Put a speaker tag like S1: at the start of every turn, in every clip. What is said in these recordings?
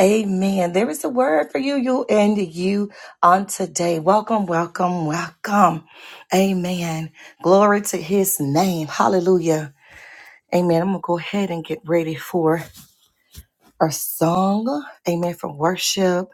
S1: Amen. There is a word for you, you and you on today. Welcome, welcome, welcome. Amen. Glory to his name. Hallelujah. Amen. I'm going to go ahead and get ready for our song. Amen. For worship.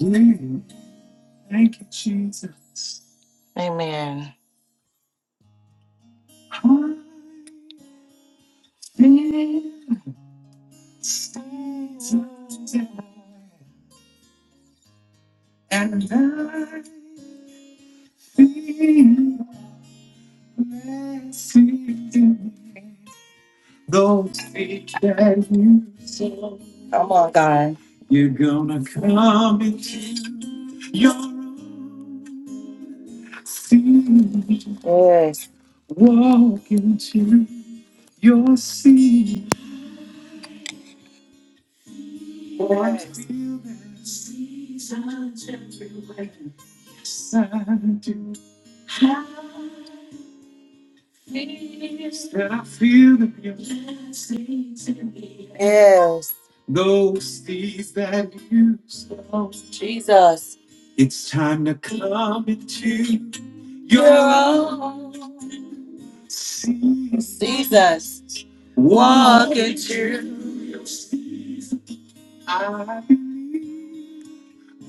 S1: Mm, Thank you, Jesus. Amen. And I feel blessed. Those that you saw. Come on, God. You're gonna come into your own. Yes. Walk into your sea. Yes. I feel that seasons everywhere. Yes, I do. That I feel the beauty. Yes. Those things that you saw. Jesus. It's time to come into your own season. Jesus. Walk into your season. I believe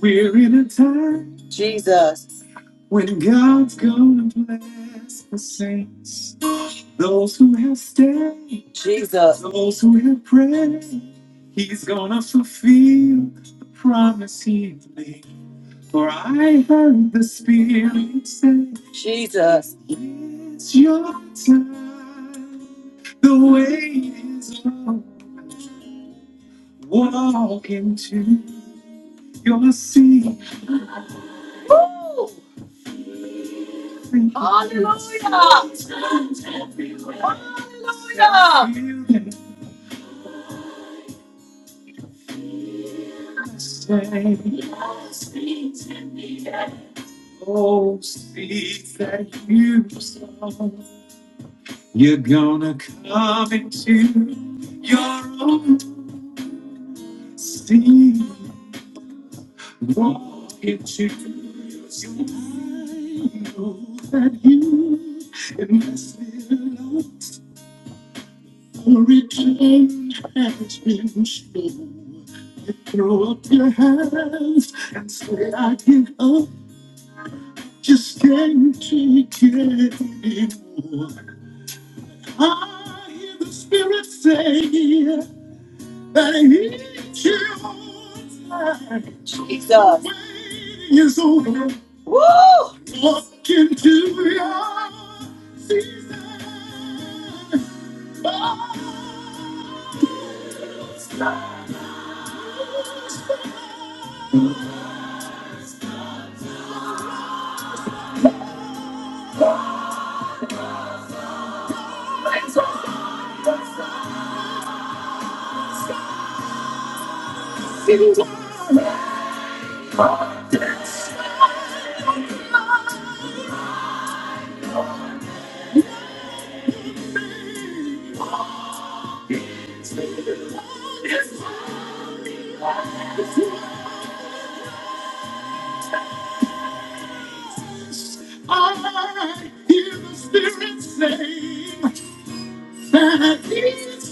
S1: we're in a time. Jesus. When God's gonna bless the saints, those who have stayed, Jesus, those who have prayed, He's gonna fulfill the promise He made. For I heard the Spirit say, Jesus, it's your time. The wait is over. Walk into your seat. Hallelujah! Hallelujah! Oh, see that you saw. You're gonna come into your own sea. Walk into your own that you and must be invested For it alone has been slow. Throw up your hands and say, I give up, just can't take it anymore. I hear the Spirit say, Jesus. Is over. Woo! Walk into your season. I hear the Spirit say. It's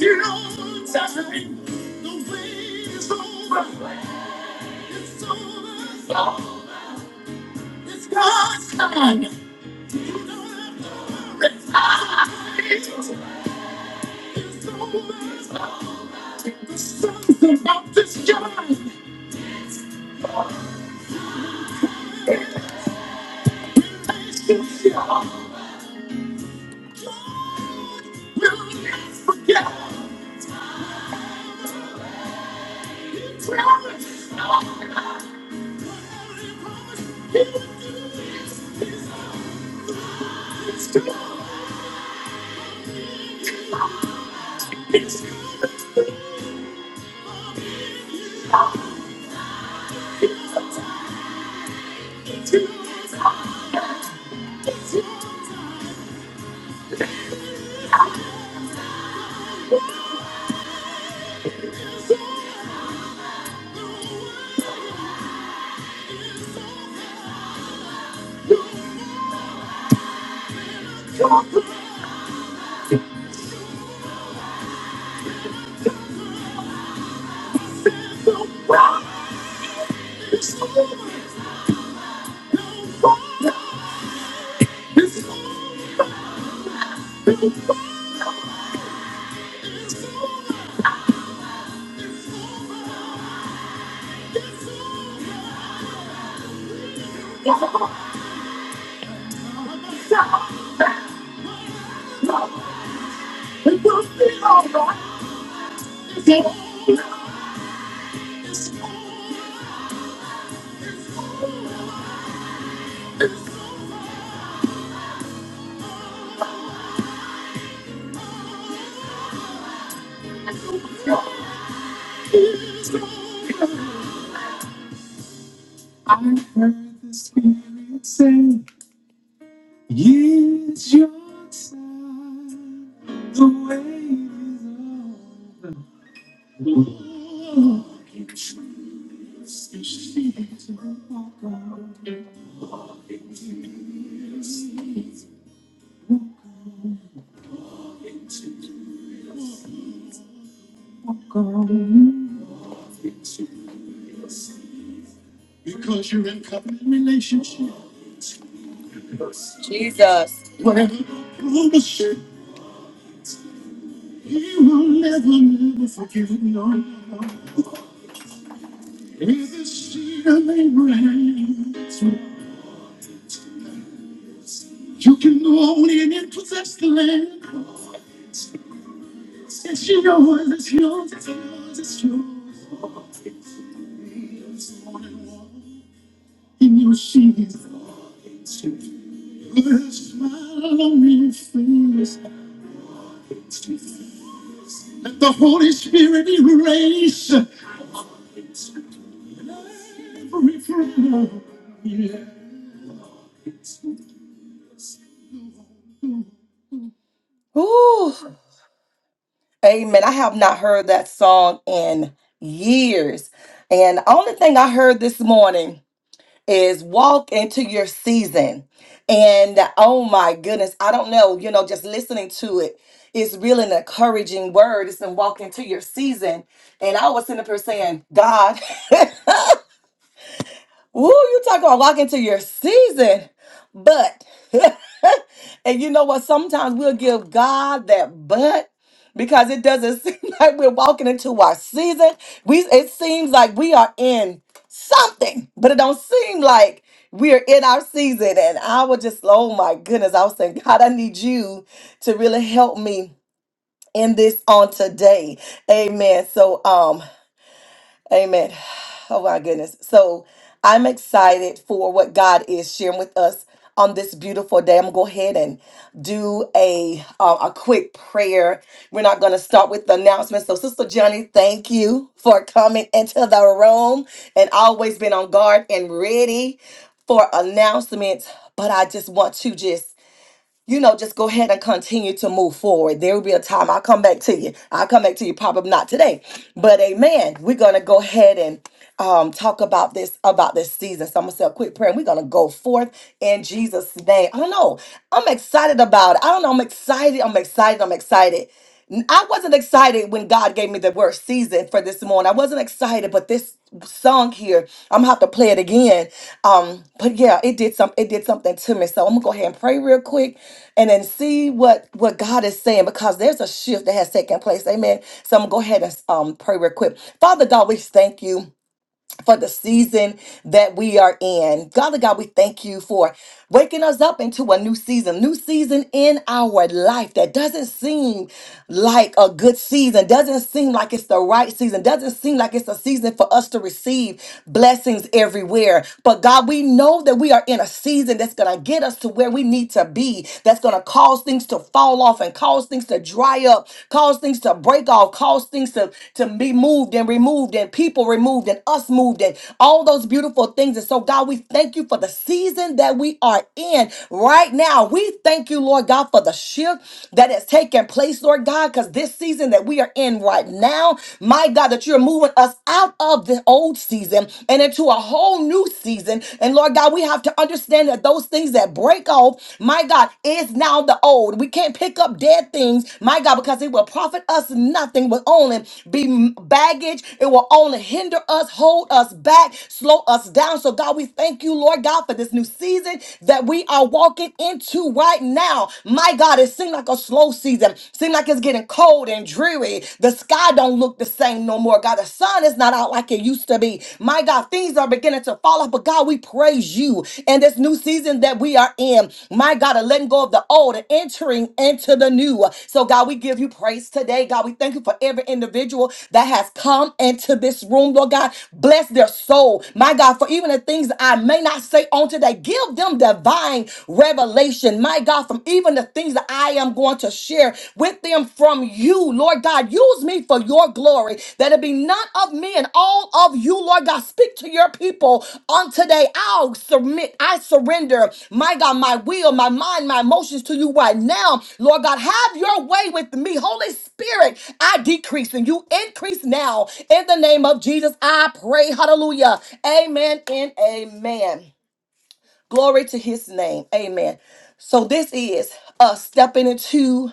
S1: God's time. you don't have to The The over. over. It's God's time. Spirit, sing. It's your time, the wait is over. Walk in truth. It's to walk on. Walk in truth. It's to walk on. Walk in truth. Because you're in covenant relationship. Jesus. Whatever I promise, you, he will never, never forgive you. Is the seed of Abraham. You can go on in and possess the land. It's yours, it's yours, it's yours, it's yours. In your sheath, put a smile on your face. Let the Holy Spirit erase every frown. Yeah. Ooh, amen. I have not heard that song in years. And the only thing I heard this morning is walk into your season. And oh my goodness, I don't know, you know, just listening to it, it's really an encouraging word. It's in walk into your season. And I was sitting up here saying, God, Woo, you talk about walk into your season. But, and you know what? Sometimes we'll give God that but because it doesn't seem like we're walking into our season. We it seems like we are in something, but it don't seem like we are in our season. And I was just, oh my goodness, I was saying, God, I need you to really help me in this on today. Amen. So um Amen. Oh my goodness. So I'm excited for what God is sharing with us on this beautiful day. I'm gonna go ahead and do a uh, a quick prayer. We're not gonna start with the announcements. So Sister Johnny, thank you for coming into the room and always been on guard and ready for announcements. But I just want to just you know, just go ahead and continue to move forward. There will be a time I'll come back to you. I'll come back to you, probably not today, but amen. We're gonna go ahead and um, talk about this about this season. So I'm gonna say a quick prayer, and we're gonna go forth in Jesus' name. I don't know. I'm excited about it. I don't know. I'm excited. I'm excited. I'm excited. I wasn't excited when God gave me the word season for this morning. I wasn't excited, but this song here, I'm gonna have to play it again. Um, but yeah, it did some it did something to me. So I'm gonna go ahead and pray real quick and then see what what God is saying because there's a shift that has taken place. Amen. So I'm gonna go ahead and um pray real quick. Father God, we thank you for the season that we are in. Father God, we thank you for waking us up into a new season, new season in our life that doesn't seem like a good season, doesn't seem like it's the right season, doesn't seem like it's a season for us to receive blessings everywhere. But God, we know that we are in a season that's going to get us to where we need to be, that's going to cause things to fall off and cause things to dry up cause things to break off, cause things to, to be moved and removed, and people removed, and us moved, and all those beautiful things. And so, God, we thank you for the season that we are in right now. We thank you, Lord God, for the shift that has taken place, Lord God, because this season that we are in right now, my God, that you're moving us out of the old season and into a whole new season. And Lord God, we have to understand that those those things that break off, my God, is now the old. We can't pick up dead things, my God, because it will profit us nothing, will only be baggage. It will only hinder us, hold us back, slow us down. So, God, we thank you, Lord God, for this new season that we are walking into right now. My God, it seemed like a slow season. Seemed like it's getting cold and dreary. The sky don't look the same no more. God, the sun is is not out like it used to be. My God, things are beginning to fall off, but God, we praise you in this new season that we are in. My God, and letting go of the old and entering into the new. So, God, we give you praise today. God, we thank you for every individual that has come into this room, Lord God. Bless their soul. My God, for even the things that I may not say on today, give them divine revelation. My God, from even the things that I am going to want to share with them from you, Lord God. Use me for your glory, that it be none of me and all of you, Lord God. Speak to your people on today. I'll submit, I surrender, my God, my will, my mind, my emotions to you right now, Lord God. Have your way with me, Holy Spirit. I decrease and you increase now. In the name of Jesus, I pray. Hallelujah. Amen and amen. Glory to his name. Amen. So this is us stepping into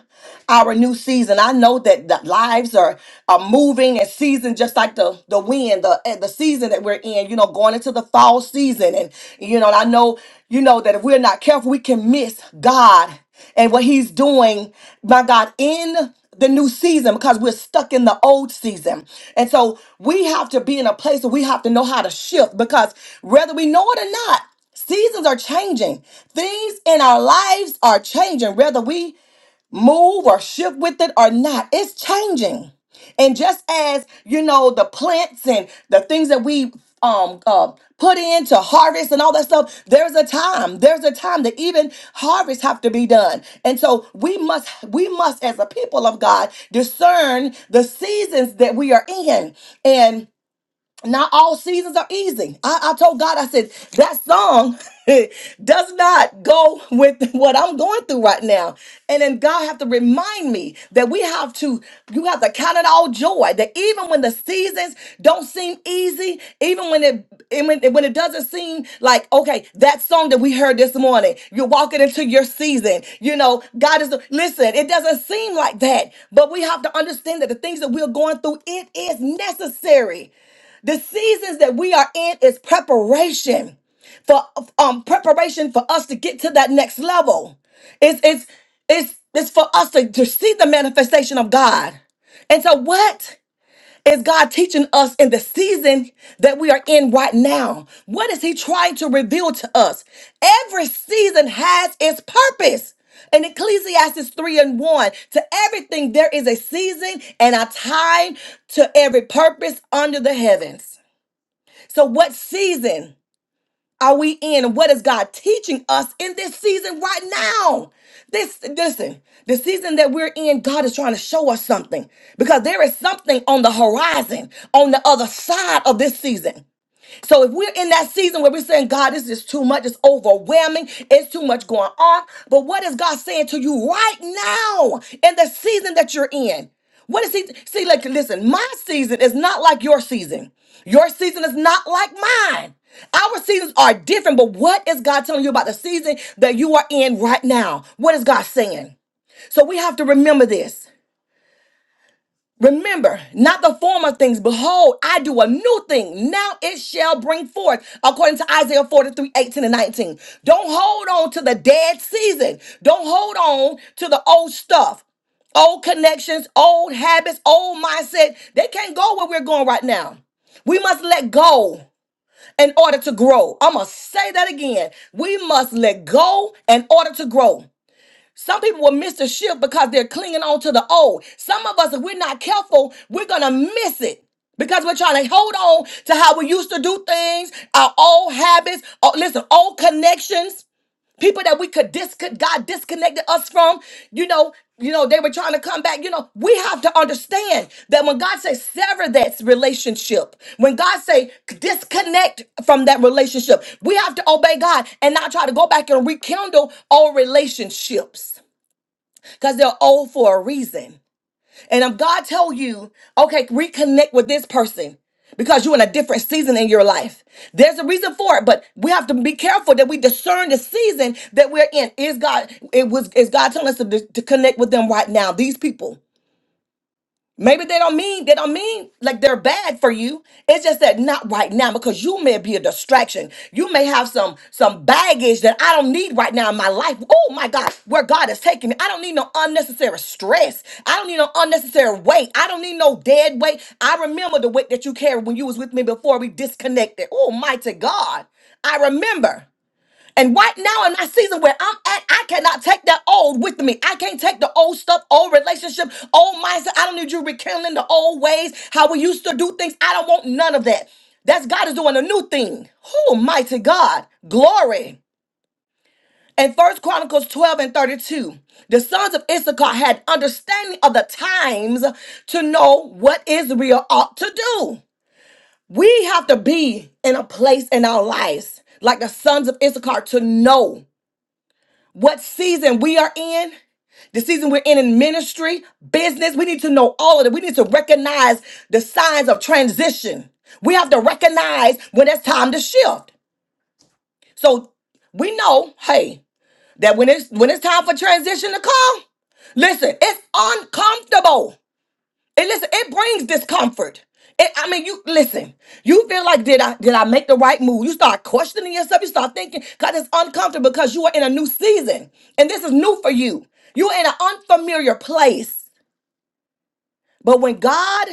S1: our new season. I know that the lives are, are moving and season just like the, the wind, the, eh, the season that we're in, you know, going into the fall season. And, you know, and I know, you know, that if we're not careful, we can miss God and what he's doing, my God, in the new season because we're stuck in the old season. And so we have to be in a place where we have to know how to shift because whether we know it or not, Seasons are changing. Things in our lives are changing, whether we move or shift with it or not. It's changing. And just as, you know, the plants and the things that we um uh, put in to harvest and all that stuff, there's a time. There's a time that even harvests have to be done. And so we must we must as a people of God discern the seasons that we are in. and not all seasons are easy. I, I told God, I said, that song does not go with what I'm going through right now. And then God have to remind me that we have to, you have to count it all joy. That even when the seasons don't seem easy, even when it and when, when it doesn't seem like, okay, that song that we heard this morning, you're walking into your season. You know, God is listen, it doesn't seem like that, but we have to understand that the things that we're going through, it is necessary. The seasons that we are in is preparation for um preparation for us to get to that next level. It's it's it's it's for us to, to see the manifestation of God. And so what is God teaching us in the season that we are in right now? What is he trying to reveal to us? Every season has its purpose. In Ecclesiastes 3 and 1, to everything there is a season and a time to every purpose under the heavens. So, what season are we in? What is God teaching us in this season right now? This, listen, the season that we're in, God is trying to show us something because there is something on the horizon, on the other side of this season. So if we're in that season where we're saying, God, this is too much, it's overwhelming, it's too much going on. But what is God saying to you right now in the season that you're in? What is he see? Like, listen, my season is not like your season. Your season is not like mine. Our seasons are different, but what is God telling you about the season that you are in right now? What is God saying? So we have to remember this. Remember, not the former things. Behold, I do a new thing. Now it shall bring forth, according to Isaiah forty-three eighteen and 19. Don't hold on to the dead season. Don't hold on to the old stuff, old connections, old habits, old mindset. They can't go where we're going right now. We must let go in order to grow. I'm going to say that again. We must let go in order to grow. Some people will miss the shift because they're clinging on to the old. Some of us, if we're not careful, we're going to miss it because we're trying to hold on to how we used to do things, our old habits, oh, listen, old connections, people that we could disconnect, God disconnected us from, you know, you know, they were trying to come back. You know, we have to understand that when God says sever that relationship, when God say disconnect from that relationship, we have to obey God and not try to go back and rekindle old relationships because they're old for a reason. And if God tell you, okay, reconnect with this person because you're in a different season in your life, there's a reason for it. But we have to be careful that we discern the season that we're in. Is God it was is God telling us to, to connect with them right now? These people. Maybe they don't mean they don't mean like they're bad for you. It's just that not right now because you may be a distraction. You may have some some baggage that I don't need right now in my life. Oh my God, where God is taking me. I don't need no unnecessary stress. I don't need no unnecessary weight. I don't need no dead weight. I remember the weight that you carried when you was with me before we disconnected. Oh mighty God. I remember. And right now in that season where I'm at, I cannot take that old with me. I can't take the old stuff, old relationship, old mindset. I don't need you rekindling the old ways, how we used to do things. I don't want none of that. That's God is doing a new thing. Oh, mighty God. Glory. In First Chronicles 12 and 32, the sons of Issachar had understanding of the times to know what Israel ought to do. We have to be in a place in our lives like the sons of Issachar to know what season we are in, the season we're in in ministry, business, we need to know all of it. We need to recognize the signs of transition. We have to recognize when it's time to shift. So we know, hey, that when it's when it's time for transition to come, listen, it's uncomfortable. And listen, it brings discomfort. It, I mean, you listen. You feel like did I did I make the right move? You start questioning yourself. You start thinking because it's uncomfortable because you are in a new season and this is new for you. You're in an unfamiliar place. But when God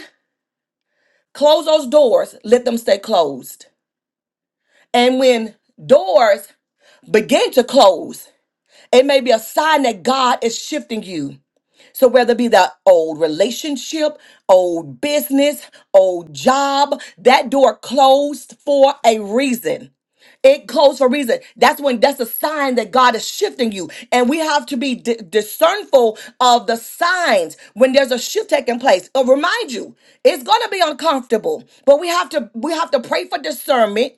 S1: closed those doors, let them stay closed. And when doors begin to close, it may be a sign that God is shifting you. So whether it be the old relationship, old business, old job, that door closed for a reason. It closed for a reason. That's when that's a sign that God is shifting you. And we have to be di- discernful of the signs when there's a shift taking place. I'll remind you, it's gonna be uncomfortable, but we have to we have to pray for discernment.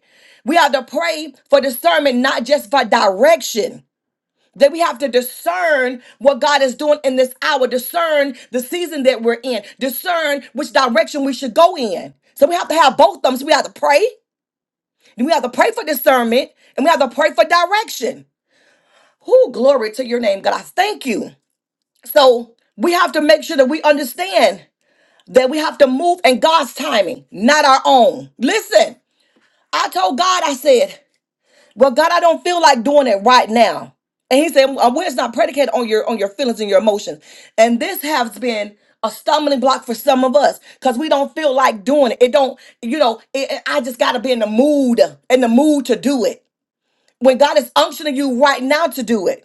S1: We have to pray for discernment, not just for direction. That we have to discern what God is doing in this hour, discern the season that we're in, discern which direction we should go in. So we have to have both of them. So we have to pray, and we have to pray for discernment, and we have to pray for direction. Who glory to your name, God. I thank you. So we have to make sure that we understand that we have to move in God's timing, not our own. Listen, I told God, I said, Well, God, I don't feel like doing it right now. And he said, "Uh, "Well, it's not predicated on your on your feelings and your emotions." And this has been a stumbling block for some of us because we don't feel like doing it. It don't, you know. It, it- I just got to be in the mood, in the mood to do it. When God is unctioning you right now to do it,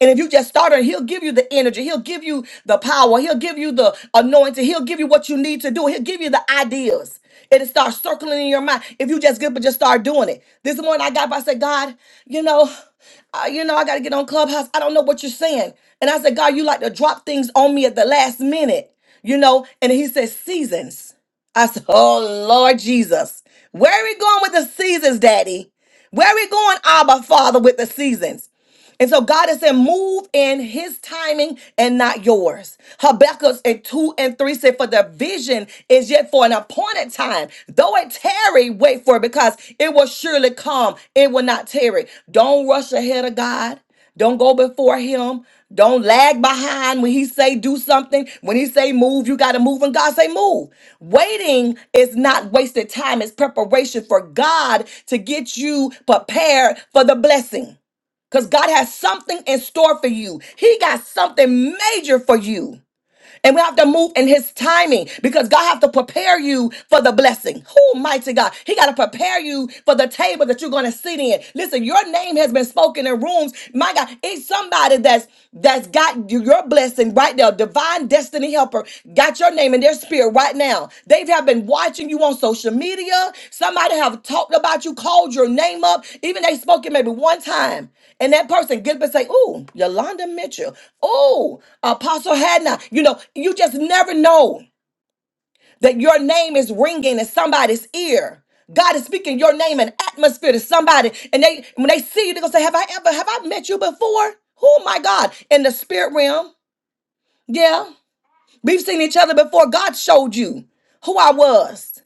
S1: and if you just start it, he'll give you the energy, he'll give you the power, he'll give you the anointing, he'll give you what you need to do, he'll give you the ideas. And it starts circling in your mind. If you just get up and just start doing it. This morning I got up, I said, God, you know, uh, you know, I gotta get on Clubhouse. I don't know what you're saying. And I said, God, you like to drop things on me at the last minute, you know? And he said, seasons. I said, Oh Lord Jesus, where are we going with the seasons, Daddy? Where are we going, Abba Father, with the seasons? And so God is saying, move in his timing and not yours. Habakkuk in 2 and 3 said, For the vision is yet for an appointed time. Though it tarry, wait for it because it will surely come. It will not tarry. Don't rush ahead of God. Don't go before him. Don't lag behind when he say do something. When he say move, you got to move. And God say move. Waiting is not wasted time. It's preparation for God to get you prepared for the blessing because God has something in store for you. He got something major for you. And we have to move in his timing because God have to prepare you for the blessing. Oh, mighty God. He got to prepare you for the table that you're going to sit in. Listen, your name has been spoken in rooms. My God, it's somebody that's that's got your blessing right there. Divine destiny helper got your name in their spirit right now. They have been watching you on social media. Somebody have talked about you, called your name up. Even they spoke it maybe one time. And that person get up and say, Ooh, Yolanda Mitchell. Ooh, Apostle Hannah. You know, you just never know that your name is ringing in somebody's ear. God is speaking your name and atmosphere to somebody. And they when they see you, they're gonna say, Have I ever have I met you before? Oh my God. In the spirit realm. Yeah. We've seen each other before. God showed you who I was.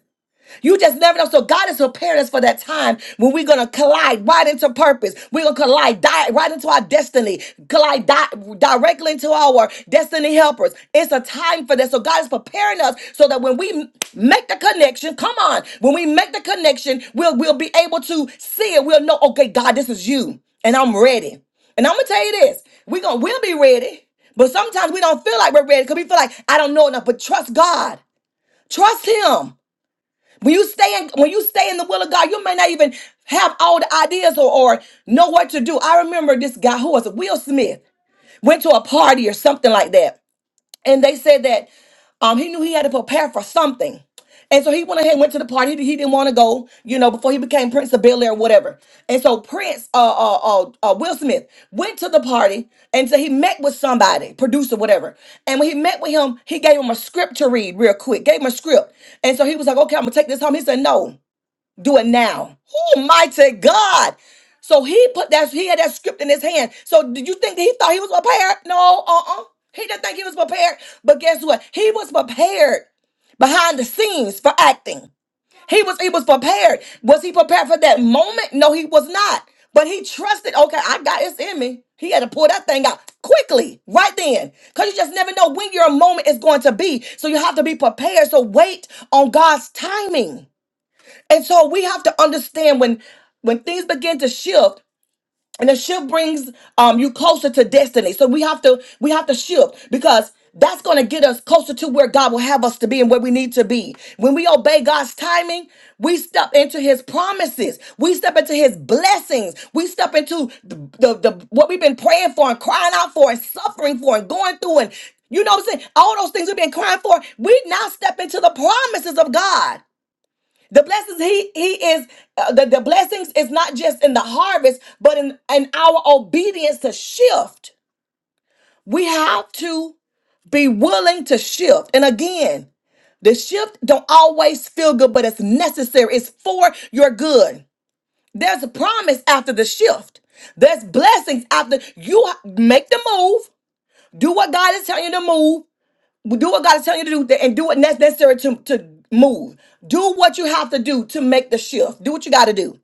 S1: You just never know. So God is preparing us for that time when we're gonna collide right into purpose. We're gonna collide di- right into our destiny, collide di- directly into our destiny helpers. It's a time for that. So God is preparing us so that when we m- make the connection, come on, when we make the connection, we'll we'll be able to see it. We'll know, okay, God, this is you, and I'm ready. And I'm gonna tell you this: we gonna we'll be ready, but sometimes we don't feel like we're ready because we feel like I don't know enough. But trust God. Trust Him. When you stay in, when you stay in the will of God, you may not even have all the ideas or, or know what to do. I remember this guy who was Will Smith went to a party or something like that and they said that um, he knew he had to prepare for something. And so he went ahead and went to the party. He, he didn't want to go, you know, before he became Prince of Bel Air or whatever. And so Prince, uh, uh, uh, uh, Will Smith, went to the party and so he met with somebody, producer, whatever. And when he met with him, he gave him a script to read real quick, gave him a script. And so he was like, okay, I'm going to take this home. He said, no. Do it now. Oh, mighty God. So he put that, he had that script in his hand. So did you think that he thought he was prepared? No, uh-uh. He didn't think he was prepared. But guess what? He was prepared behind the scenes for acting. He was he was prepared. Was he prepared for that moment? No, he was not. But he trusted, okay, I got it's in me. He had to pull that thing out quickly, right then. Because you just never know when your moment is going to be. So you have to be prepared. So wait on God's timing. And so we have to understand when when things begin to shift, and the shift brings um you closer to destiny. So we have to we have to shift because that's going to get us closer to where God will have us to be and where we need to be. When we obey God's timing, we step into his promises. We step into his blessings. We step into the, the, the what we've been praying for and crying out for and suffering for and going through and you know what I'm saying? All those things we've been crying for, we now step into the promises of God. The blessings he he is uh, the, the blessings is not just in the harvest, but in, in our obedience to shift. We have to be willing to shift. And again, the shift don't always feel good, but it's necessary. It's for your good. There's a promise after the shift. There's blessings after you ha- make the move. Do what God is telling you to move. Do what God is telling you to do th- and do what that's necessary to, to move. Do what you have to do to make the shift. Do what you got to do.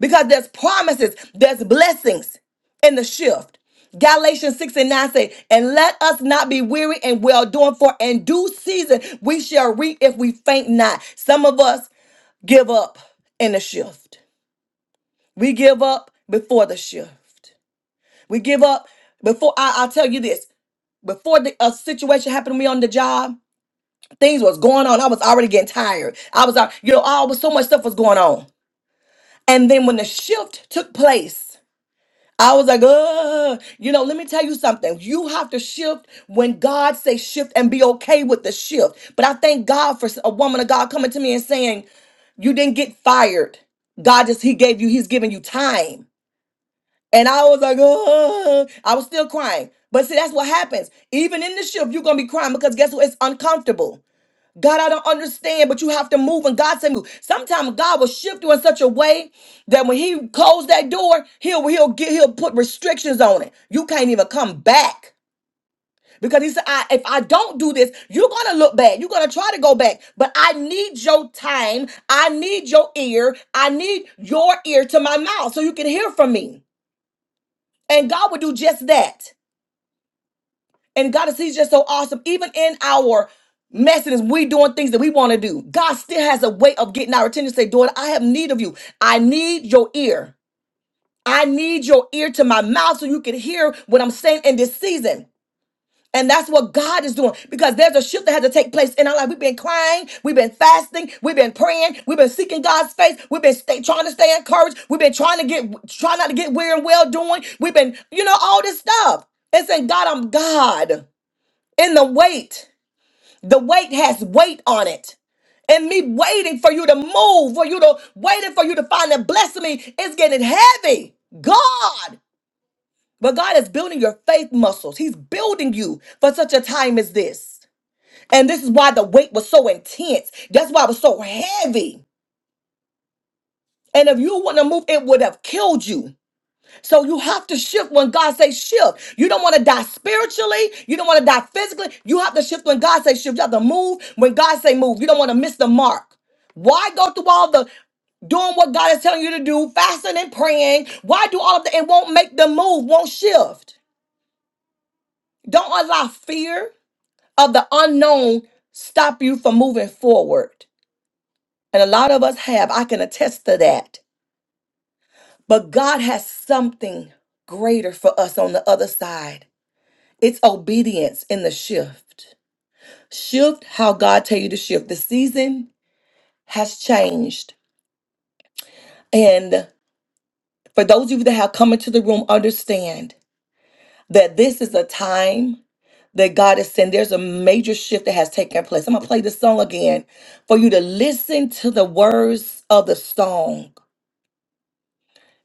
S1: Because there's promises, there's blessings in the shift. Galatians 6 and 9 say, And let us not be weary and well doing, for in due season we shall reap if we faint not. Some of us give up in the shift. We give up before the shift. We give up before I, I'll tell you this. Before the, a situation happened to me on the job, Things was going on. I was already getting tired. I was, out- you know, all was so much stuff was going on. And then when the shift took place, I was like, uh, you know, let me tell you something. You have to shift when God says shift and be okay with the shift. But I thank God for a woman of God coming to me and saying, you didn't get fired. God just He gave you, He's giving you time. And I was like, oh, I was still crying. But see, that's what happens. Even in the shift, you're gonna be crying because guess what? It's uncomfortable. God, I don't understand, but you have to move. And God said, move. Sometimes God will shift you in such a way that when He closed that door, He'll He'll get He'll put restrictions on it. You can't even come back. Because he said, I, if I don't do this, you're going to look back. You're going to try to go back. But I need your time. I need your ear. I need your ear to my mouth so you can hear from me. And God will do just that. And God is He's just so awesome. Even in our messiness, we doing things that we want to do. God still has a way of getting our attention. Say, daughter, I have need of you. I need your ear. I need your ear to my mouth so you can hear what I'm saying in this season. And that's what God is doing because there's a shift that has to take place in our life. We've been crying, we've been fasting, we've been praying, we've been seeking God's face, we've been stay, trying to stay encouraged, we've been trying to get, trying not to get weary and well doing, we've been, you know, all this stuff. And saying, God, I'm God in the wait. The wait has weight on it. And me waiting for you to move, for you to waiting for you to find and bless me is getting heavy. God. But God is building your faith muscles. He's building you for such a time as this. And this is why the weight was so intense. That's why it was so heavy. And if you wouldn't have moved, it would have killed you. So you have to shift when God says shift. You don't want to die spiritually. You don't want to die physically. You have to shift when God says shift. You have to move when God say move. You don't want to miss the mark. Why go through all the doing what God is telling you to do, fasting and praying? Why do all of that and won't make the move, won't shift? Don't allow fear of the unknown stop you from moving forward. And a lot of us have. I can attest to that. But God has something greater for us on the other side. It's obedience in the shift. Shift how God tell you to shift. The season has changed. And for those of you that have come into the room, understand that this is a time that God is saying there's a major shift that has taken place. I'm gonna play this song again for you to listen to the words of the song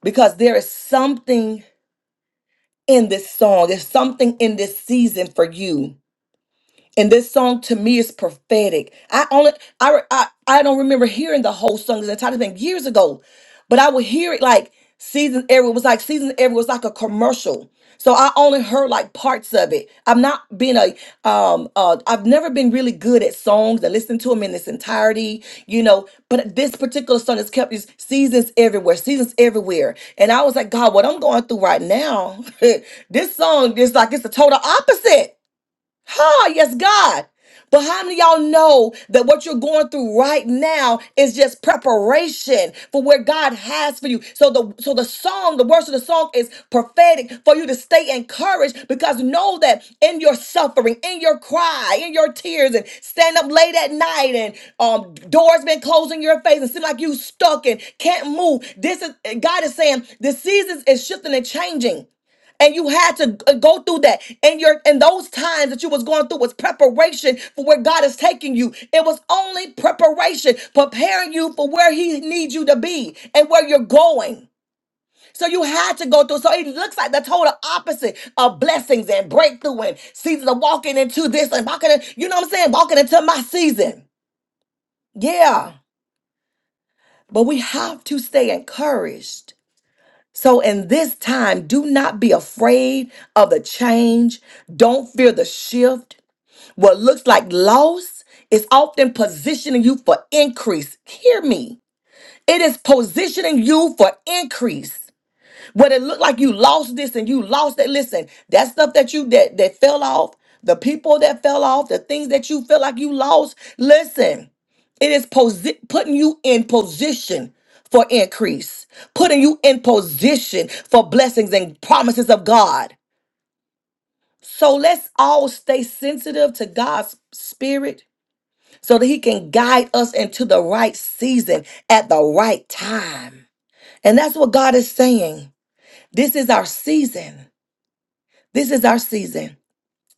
S1: because there is something in this song. There's something in this season for you And this song to me is prophetic. I only I I, I don't remember hearing the whole song as a title thing years ago, but I would hear it like season every was like season every was like a commercial. So I only heard like parts of it. I'm not being a um uh I've never been really good at songs and listening to them in its entirety, you know, but this particular song has kept these seasons everywhere, seasons everywhere. And I was like, God, what I'm going through right now, this song is like it's the total opposite Huh, yes, God. But how many of y'all know that what you're going through right now is just preparation for where God has for you? So the so the song, the words of the song is prophetic for you to stay encouraged because know that in your suffering, in your cry, in your tears, and stand up late at night and um doors been closed in your face and seem like you stuck and can't move. This is God is saying the seasons is shifting and changing and you had to g- go through that and your and those times that you was going through was preparation for where god is taking you it was only preparation preparing you for where he needs you to be and where you're going so you had to go through so it looks like the total opposite of blessings and breakthrough and seasons of walking into this and walking in, you know what i'm saying walking into my season yeah but we have to stay encouraged So, in this time, do not be afraid of the change. Don't fear the shift. What looks like loss is often positioning you for increase. Hear me. It is positioning you for increase. What it looked like you lost this and you lost that. Listen, that stuff that you that that fell off, the people that fell off, the things that you feel like you lost. Listen, it is posi- putting you in position for increase, putting you in position for blessings and promises of God. So let's all stay sensitive to God's spirit so that he can guide us into the right season at the right time. And that's what God is saying. This is our season. This is our season.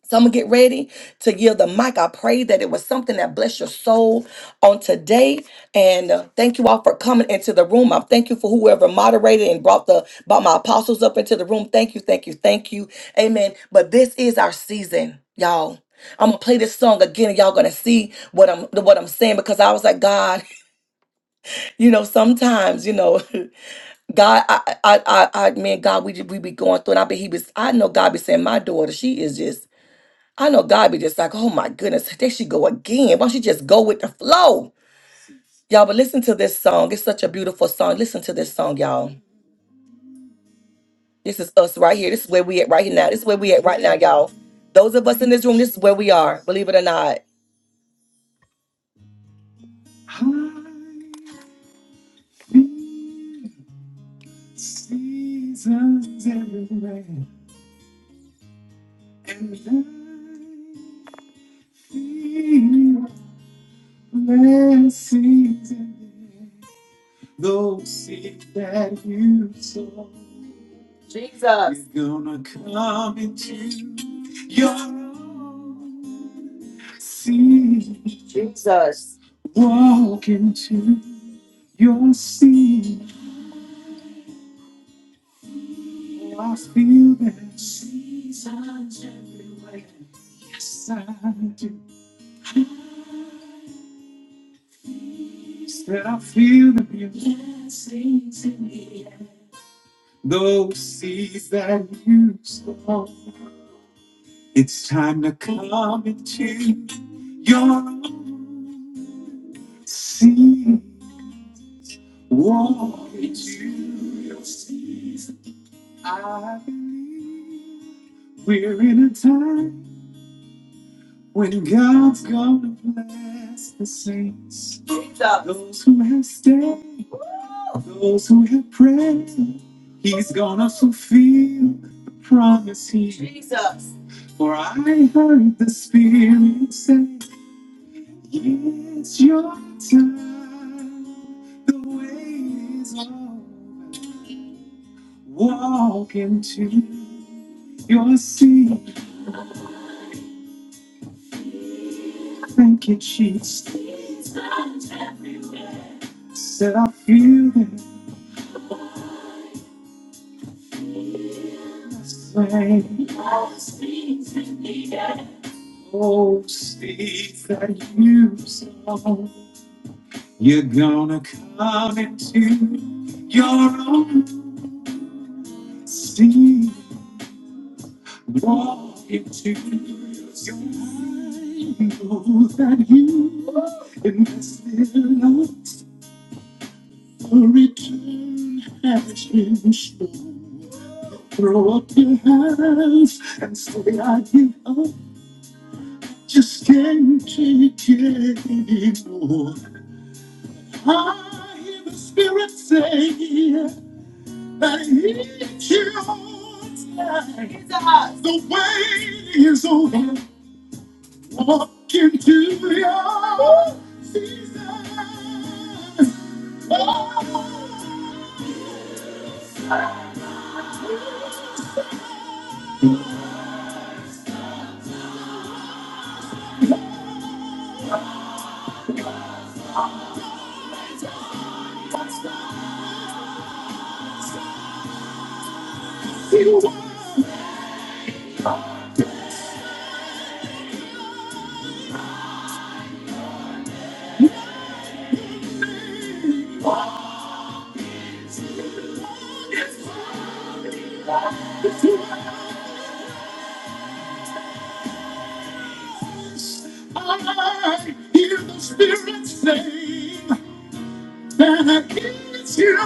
S1: So I'm gonna get ready to yield the mic. I pray that it was something that blessed your soul on today. And uh, thank you all for coming into the room. I thank you for whoever moderated and brought the brought my apostles up into the room. Thank you, thank you, thank you. Amen. But this is our season, y'all. I'm gonna play this song again, and y'all gonna see what I'm what I'm saying because I was like, God, you know, sometimes, you know, God, I, I, I, I, man, God, we ju- we be going through, and I be he was, I know God be saying, my daughter, she is just I know God be just like, oh my goodness, there she go again. Why don't she just go with the flow? Y'all, but listen to this song. It's such a beautiful song. Listen to this song, y'all. This is us right here. This is where we at right here now. This is where we at right now, y'all. Those of us in this room, this is where we are, believe it or not. Seasons everywhere, and I feel blessings in those seeds that you sow. It's gonna come into your own. See, walk into your sea. I feel that seasons everywhere. Yes, I do. Yes, That I feel the blessings in me. Those seas that you sow. It's time to come into your own. See. Walk into your season. I believe we're in a time when God's gonna bless the saints. Those who have stayed, those who have prayed, He's gonna fulfill the promise He made. For I heard the Spirit say, It's your time. The wait is over. Walk into Your secret kitchens that I feel in the same Oh, space that you saw. You're gonna come into your own See, walk into your own that you invested in Your return has been slow. Throw up your hands and say I give up. Just can't take it anymore. I hear the Spirit say that each your time. The wait is over. Walk into your season. I hear the Spirit say that I give you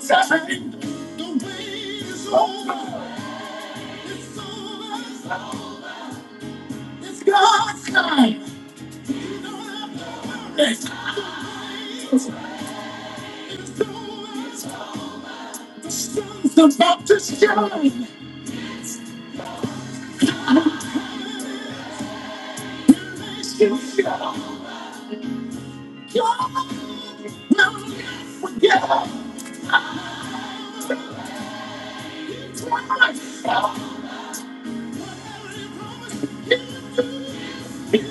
S1: time. The wait is over. It's over. It's God's time. You don't have to worry. The wait is over. The sun's about to shine. You shall. God will not forget. It's right. It's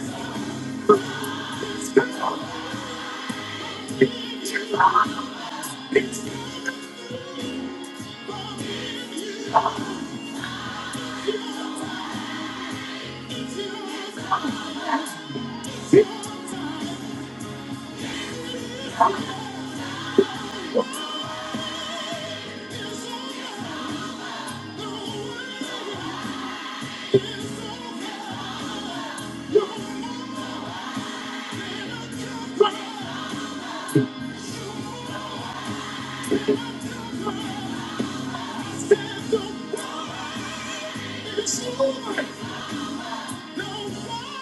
S1: over. It's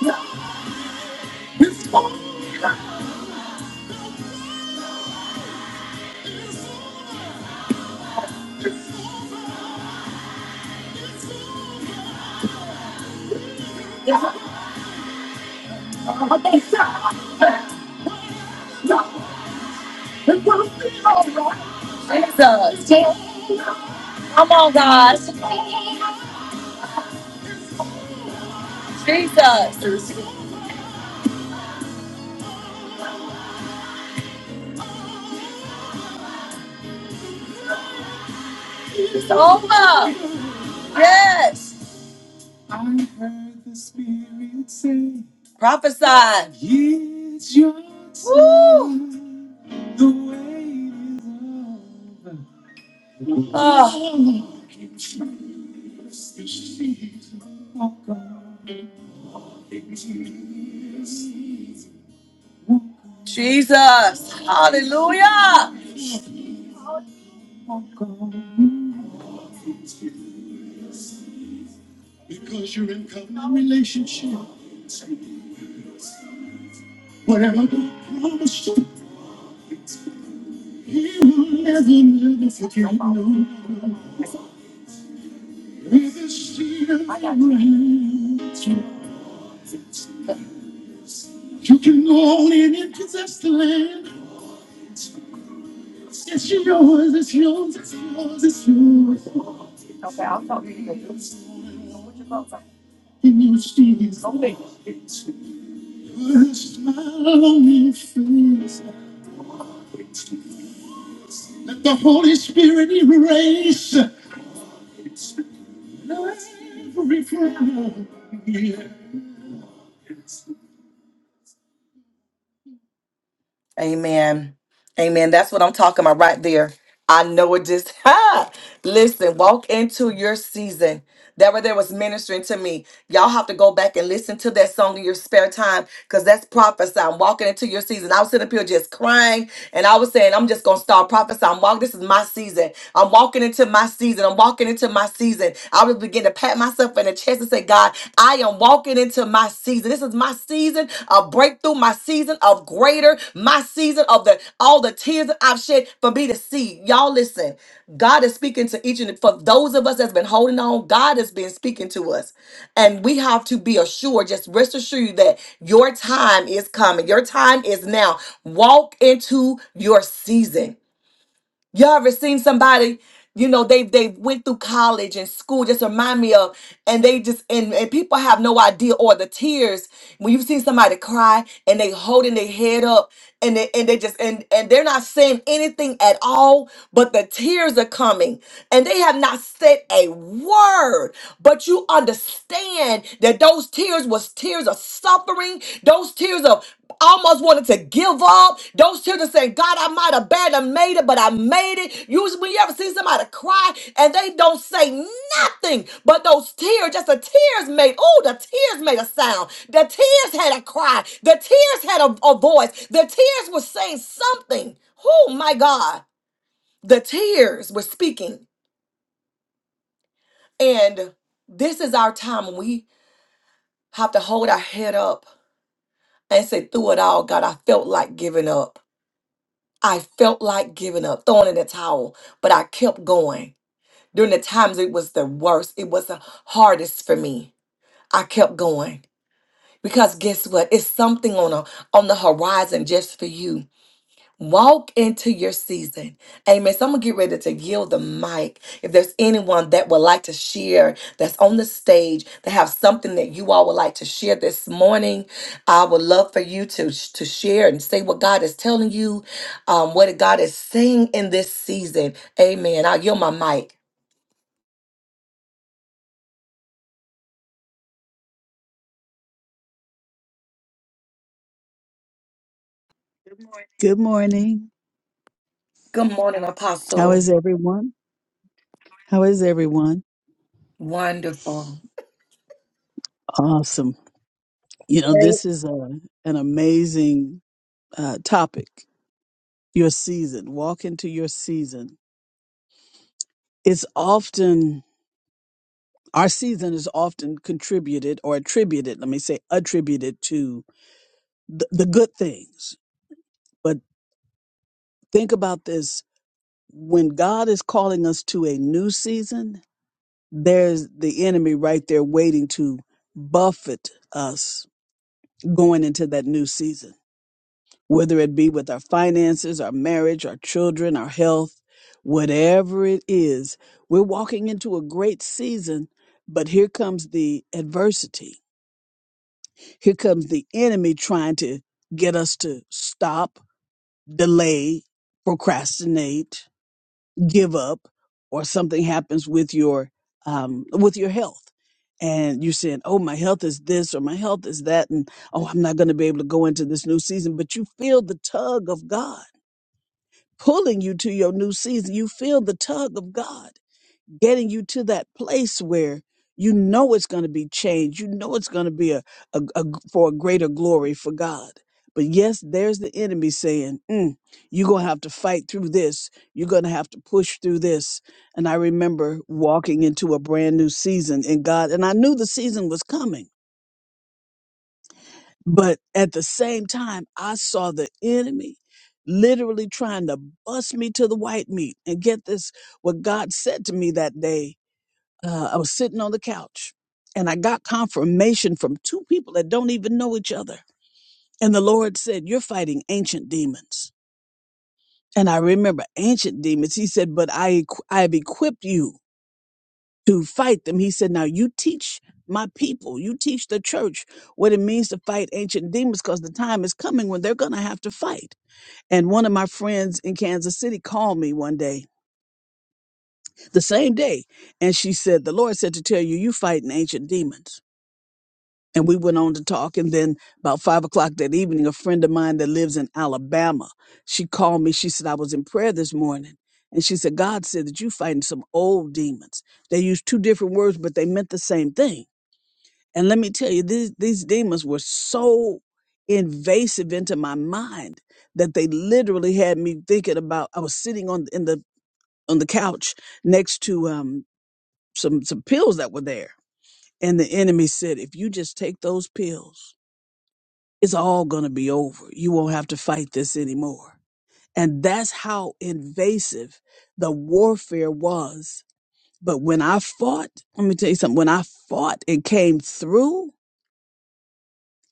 S1: over. Jesus. Come on, God. Jesus. It's over. Yes. I heard the Spirit say, Prophesy. It's your time. Woo. The wait is over. Oh. Walk on Jesus. Hallelujah. Because you're in covenant relationship. Whatever God promised you, He will never, never forget you. With the seed of Abraham, you can go on in and possess the land. It's yours, it's yours, it's yours, it's yours. Can you see his face? Put a smile on your face. Let the Holy Spirit erase every frown. Amen. Amen. That's what I'm talking about right there. I know it just ha. Listen, walk into your season. That right there was ministering to me. Y'all have to go back and listen to that song in your spare time because that's prophesying. Walking into your season. I was sitting up here just crying and I was saying, I'm just gonna start prophesying. Walk, this is my season. I'm walking into my season. I'm walking into my season. I was beginning to pat myself in the chest and say, God. God. I am walking into my season. This is my season of breakthrough, my season of greater, my season of the all the tears that I've shed for me to see. Y'all listen. God is speaking to each and for those of us that's been holding on, God has been speaking to us. And we have to be assured, just rest assured you that your time is coming. Your time is now. Walk into your season. Y'all ever seen somebody, you know, they they went through college and school, just remind me of, and they just and, and people have no idea or the tears when you've seen somebody cry and they holding their head up and they and they just and and they're not saying anything at all, but the tears are coming and they have not said a word. But you understand that those tears was tears of suffering, those tears of almost wanted to give up. Those children saying, God, I might have barely made it, but I made it. Usually when you ever see somebody cry and they don't say nothing, but those tears, just the tears made, oh, the tears made a sound. The tears had a cry. The tears had a, a voice. The tears were saying something. Oh my God. The tears were speaking. And this is our time when we have to hold our head up and say, through it all, God, I felt like giving up. I felt like giving up, throwing in the towel, but I kept going. During the times it was the worst, it was the hardest for me. I kept going because guess what? It's something on a, on the horizon just for you Walk into your season. Amen. So I'm going to get ready to yield the mic. If there's anyone that would like to share that's on the stage, that have something that you all would like to share this morning, I would love for you to, to share and say what God is telling you, um, what God is saying in this season. Amen. I'll yield my mic.
S2: Good morning.
S1: Good morning,
S2: How
S1: Apostle.
S2: is everyone? How is everyone?
S1: Wonderful.
S2: Awesome. You know,
S3: very
S2: this is a, an amazing uh, topic. Your season, walk into your season. It's often, our season is often contributed or attributed, let me say, attributed to the, the good things. But think about this when God is calling us to a new season, there's the enemy right there waiting to buffet us going into that new season whether it be with our finances, our marriage, our children, our health, whatever it is, we're walking into a great season, but here comes the adversity. Here comes the enemy trying to get us to stop, delay, procrastinate, give up, or something happens with your um, with your health. And you're saying, oh, my health is this or my health is that. And oh, I'm not going to be able to go into this new season. But you feel the tug of God pulling you to your new season. You feel the tug of God getting you to that place where you know it's going to be change. You know it's going to be a, a, a- for a greater glory for God. But yes, there's the enemy saying, mm, "You're going to have to fight through this. You're going to have to push through this." And I remember walking into a brand new season in God, and I knew the season was coming but at the same time, I saw the enemy literally trying to bust me to the white meat. And get this, what God said to me that day, uh, I was sitting on the couch and I got confirmation from two people that don't even know each other. And the Lord said, You're fighting ancient demons. And I remember ancient demons. He said, But I, equ- I have equipped you to fight them. He said, Now you teach my people, you teach the church what it means to fight ancient demons because the time is coming when they're going to have to fight. And one of my friends in Kansas City called me one day, the same day, and she said, The Lord said to tell you, you fighting ancient demons. And we went on to talk. And then about five o'clock that evening, a friend of mine that lives in Alabama, she called me. She said, I was in prayer this morning. And she said, God said that you fighting some old demons. They used two different words, but they meant the same thing And let me tell you, these, these demons were so invasive into my mind that they literally had me thinking about I was sitting on in the on the couch next to um some some pills that were there. And the enemy said, if you just take those pills, it's all gonna be over. You won't have to fight this anymore. And that's how invasive the warfare was. But when I fought, let me tell you something, when I fought and came through,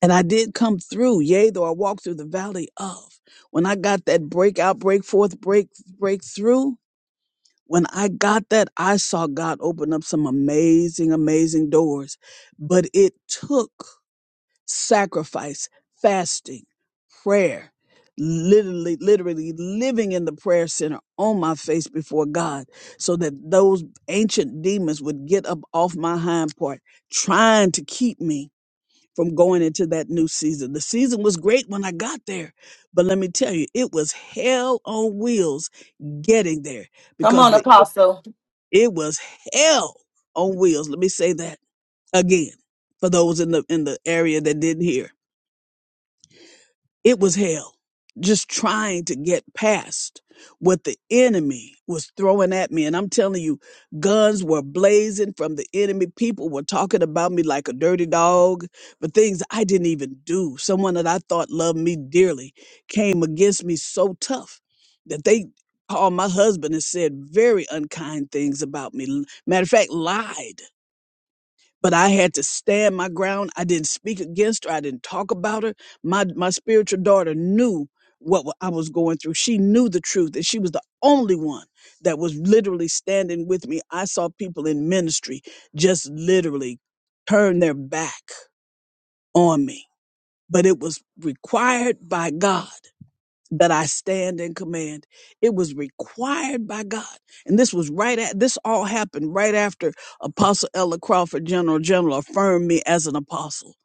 S2: And I did come through, yea, though I walked through the valley of. When I got that breakout, break forth, break, breakthrough, when I got that, I saw God open up some amazing, amazing doors. But it took sacrifice, fasting, prayer, literally, literally living in the prayer center on my face before God so that those ancient demons would get up off my hind part, trying to keep me from going into that new season. The season was great when I got there, but let me tell you, it was hell on wheels getting there
S1: Come
S2: because
S1: on,
S2: the it,
S1: Apostle.
S2: it was hell on wheels. Let me say that again for those in the in the area that didn't hear. It was hell, just trying to get past what the enemy was throwing at me. And I'm telling you, guns were blazing from the enemy. People were talking about me like a dirty dog for things I didn't even do. Someone that I thought loved me dearly came against me so tough that they called my husband and said very unkind things about me. Matter of fact, lied but I had to stand my ground. I didn't speak against her. I didn't talk about her. My my spiritual daughter knew what wa- I was going through. She knew the truth, and she was the only one that was literally standing with me. I saw people in ministry just literally turn their back on me, but it was required by God that I stand in command. It was required by God. And this was right at this all happened right after Apostle Ella Crawford, General General, affirmed me as an apostle.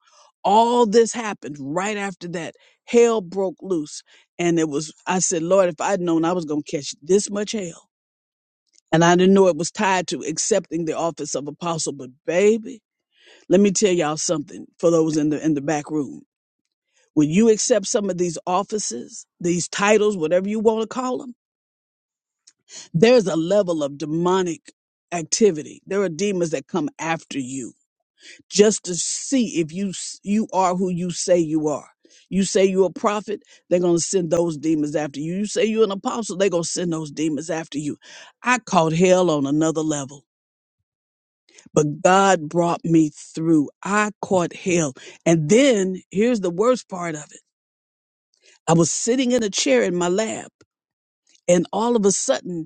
S2: All this happened right after that. Hell broke loose. And it was, I said, Lord, if I'd known I was going to catch this much hell. And I didn't know it was tied to accepting the office of apostle. But baby, let me tell y'all something for those in the in the back room. When you accept some of these offices, these titles, whatever you want to call them, there's a level of demonic activity. There are demons that come after you just to see if you s- you are who you say you are. You say you're a prophet, they're going to send those demons after you. You say you're an apostle, they're going to send those demons after you. I caught hell on another level, but God brought me through. I caught hell. And then here's the worst part of it I was sitting in a chair in my lab, and all of a sudden,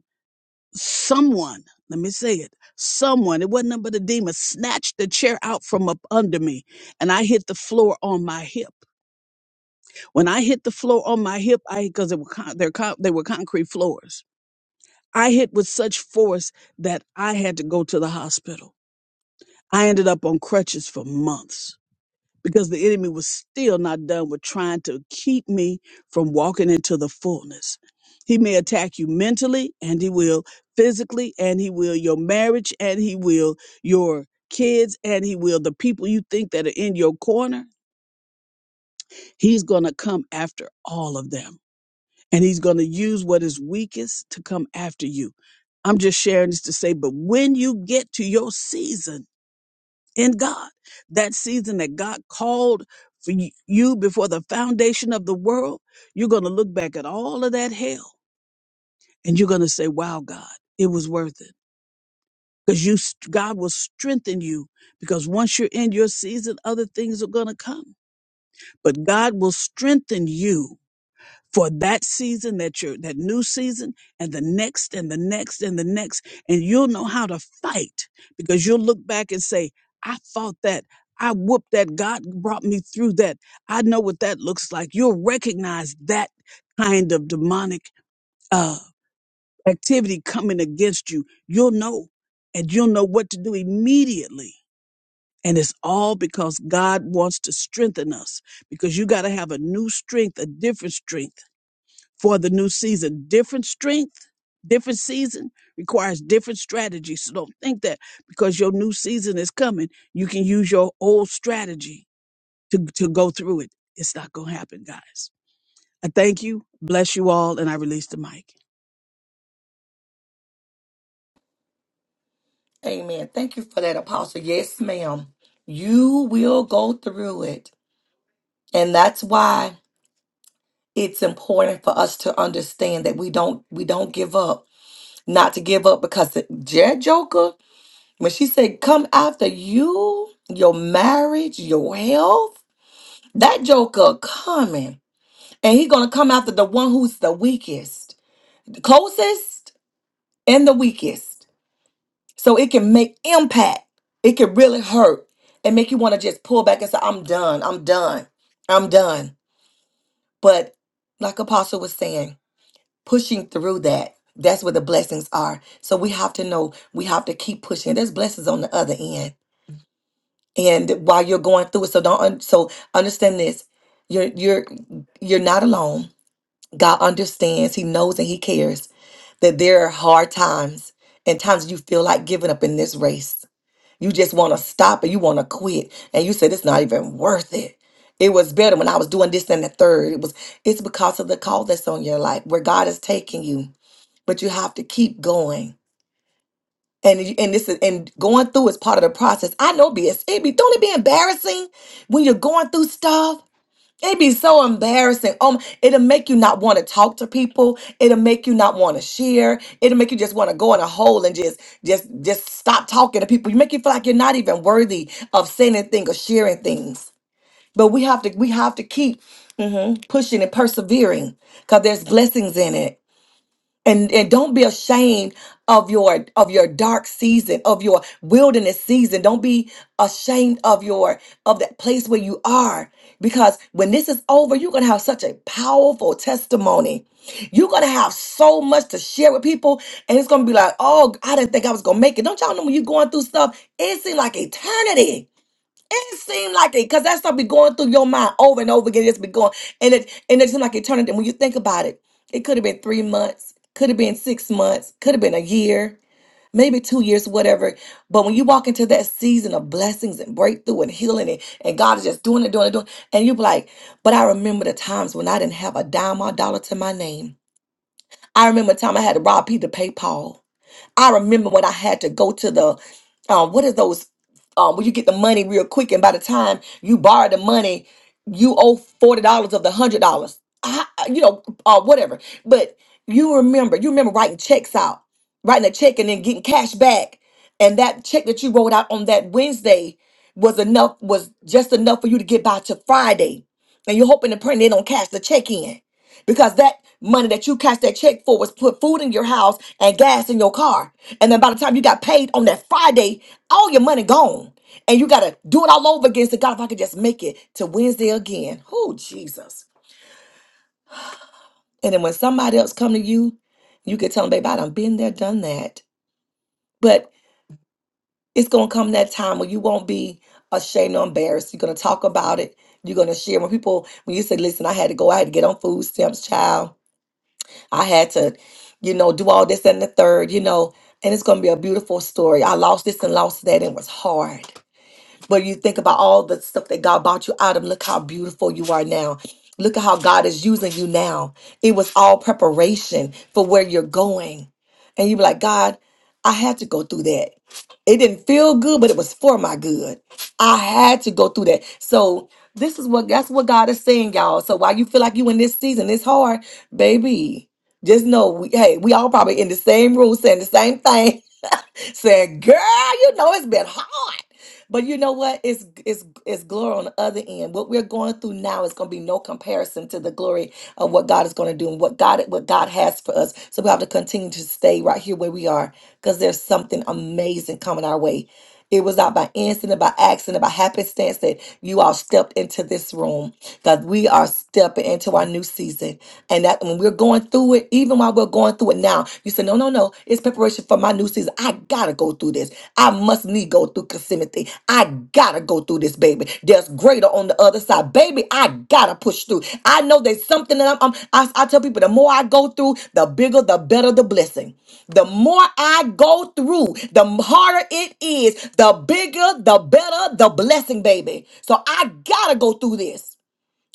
S2: someone let me say it someone it wasn't none but a demon snatched the chair out from up under me and i hit the floor on my hip when i hit the floor on my hip i because they were con- they're con- they were concrete floors i hit with such force that i had to go to the hospital i ended up on crutches for months because the enemy was still not done with trying to keep me from walking into the fullness. He may attack you mentally, and he will physically, and he will your marriage, and he will your kids, and he will the people you think that are in your corner. He's going to come after all of them, and he's going to use what is weakest to come after you. I'm just sharing this to say, but when you get to your season, in God. That season that God called for y- you before the foundation of the world, you're going to look back at all of that hell and you're going to say, wow, God, it was worth it. Because you, st- God will strengthen you because once you're in your season, other things are going to come. But God will strengthen you for that season that you that new season and the next and the next and the next and you'll know how to fight because you'll look back and say i fought that i whooped that god brought me through that i know what that looks like you'll recognize that kind of demonic uh activity coming against you you'll know and you'll know what to do immediately and it's all because God wants to strengthen us because you got to have a new strength, a different strength for the new season. Different strength, different season requires different strategy. So don't think that because your new season is coming, you can use your old strategy to, to go through it. It's not going to happen, guys. I thank you, bless you all, and I release the mic.
S1: Amen. Thank you for that, Apostle. Yes, ma'am. You will go through it. and that's why it's important for us to understand that we don't we don't give up not to give up because the jet joker when she said come after you your marriage your health that joker coming and he gonna come after the one who's the weakest the closest and the weakest so it can make impact it can really hurt and make you want to just pull back and say i'm done i'm done i'm done but like apostle was saying pushing through that. That's where the blessings are. So we have to know we have to keep pushing. There's blessings on the other end, and while you're going through it, so don't un- so understand this. You're you're you're not alone. God understands. He knows and He cares that there are hard times and times you feel like giving up in this race. You just want to stop and you want to quit, and you said it's not even worth it. It was better when I was doing this and the third. It was. It's because of the call that's on your life, where God is taking you but you have to keep going. And you- and this is and going through is part of the process. I know BS. It be don't it be embarrassing when you're going through stuff? It'd be so embarrassing. Um, it'll make you not want to talk to people. It'll make you not want to share. It'll make you just want to go in a hole and just just just stop talking to people. You make you feel like you're not even worthy of saying anything or sharing things. But we have to we have to keep mhm, pushing and persevering because there's blessings in it and and don't be ashamed of your of your dark season of your wilderness season don't be ashamed of your of that place where you are because when this is over you're going to have such a powerful testimony you're going to have so much to share with people and it's going to be like oh i didn't think i was going to make it don't y'all know when you're going through stuff it seems like eternity it seemed like it, because that stuff be going through your mind over and over again. it be going, and it and it seemed like eternity. And when you think about it, it could have been three months, could have been six months, could have been a year, maybe two years, whatever. But when you walk into that season of blessings and breakthrough and healing, and, and God is just doing it, doing it, doing, it, and you be like, but I remember the times when I didn't have a dime or a dollar to my name. I remember a time I had to rob Peter to pay Paul. I remember when I had to go to the, uh, what are those um, when you get the money real quick, and by the time you borrow the money, you owe forty dollars of the hundred dollars. I, I- you know, uh, whatever. But you remember, you remember writing checks out, writing a check and then getting cash back, and that check that you wrote out on that Wednesday was enough, was just enough for you to get by to Friday, and you're hoping and praying they don't cash the check in because that money that you cashed that check for was put food in your house and gas in your car. And then by the time you got paid on that Friday, all your money gone. And you got to do it all over again. So God, if I could just make it to Wednesday again. Oh, Jesus. And then when somebody else come to you, you can tell them, babe, I done been there, done that. But it's going to come that time when you won't be ashamed or embarrassed. You're going to talk about it. You're going to share. When people, when you say, listen, I had to go, I had to get on food stamps, child. I had to, you know, do all this and the third, you know, and it's going to be a beautiful story. I lost this and lost that, and it was hard. But you think about all the stuff that God bought you out of. Look how beautiful you are now. Look at how God is using you now. It was all preparation for where you're going. And you be like, God, I had to go through that. It didn't feel good, but it was for my good. I had to go through that. So this is what that's what God is saying, y'all. So while you feel like you in this season, it's hard, baby. Just know, we, hey, we all probably in the same room saying the same thing said, "Girl, you know it's been hard." But you know what? It's it's it's glory on the other end. What we're going through now is going to be no comparison to the glory of what God is going to do and what God what God has for us. So we have to continue to stay right here where we are because there's something amazing coming our way. It was not by incident, by accident, by happenstance that you all stepped into this room. God, we are stepping into our new season. And that when we're going through it, even while we're going through it now, you say, No, no, no, it's preparation for my new season. I gotta go through this. I must need go through Yosemite. I gotta go through this, baby. There's greater on the other side, baby. I gotta push through. I know there's something that I'm. I'm I, I tell people the more I go through, the bigger, the better the blessing. The more I go through, the harder it is. The bigger, the better the blessing, baby. So I gotta go through this.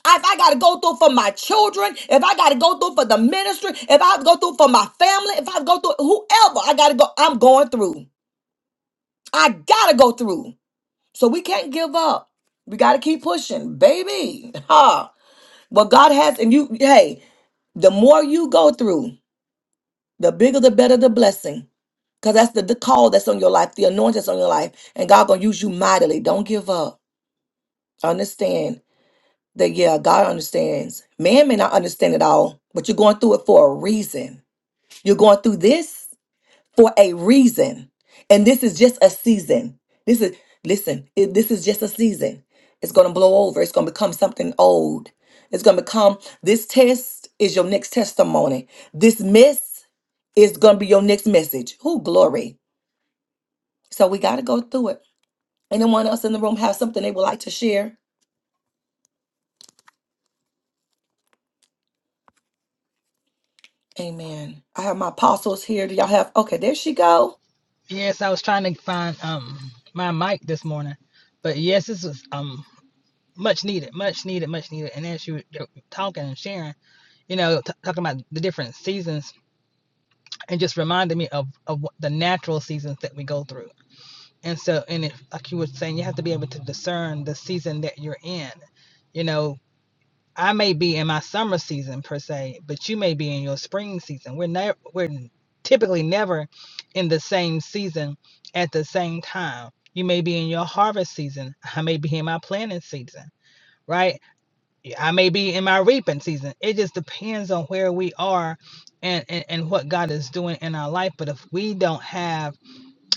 S1: If I gotta go through for my children, if I gotta go through for the ministry, if I have to go through for my family, if I have to go through whoever I gotta go, I'm going through. I gotta go through. So we can't give up. We gotta keep pushing, baby. Ha. What God has, and you, hey, the more you go through, the bigger, the better the blessing. Cause that's the, the call that's on your life, the anointing that's on your life. And God gonna use you mightily. Don't give up. Understand that yeah, God understands. Man may not understand it all, but you're going through it for a reason. You're going through this for a reason. And this is just a season. This is, listen, it- this is just a season. It's going to blow over. It's going to become something old. It's going to become this test is your next testimony. This miss is going to be your next message. Who glory. So we got to go through it. Anyone else in the room have something they would like to share? Amen. I have my apostles here. Do y'all have? Okay, there she go.
S4: Yes, I was trying to find um my mic this morning, but yes, this was um much needed, much needed, much needed. And as you were you were talking and sharing, you know, t- talking about the different seasons, and just reminded me of of what the natural seasons that we go through. And so, and if like you were saying, you have to be able to discern the season that you're in. You know, I may be in my summer season per se, but you may be in your spring season. We're never we're typically never in the same season at the same time. You may be in your harvest season. I may be in my planting season, right? I may be in my reaping season. It just depends on where we are and, and, and what God is doing in our life. But if we don't have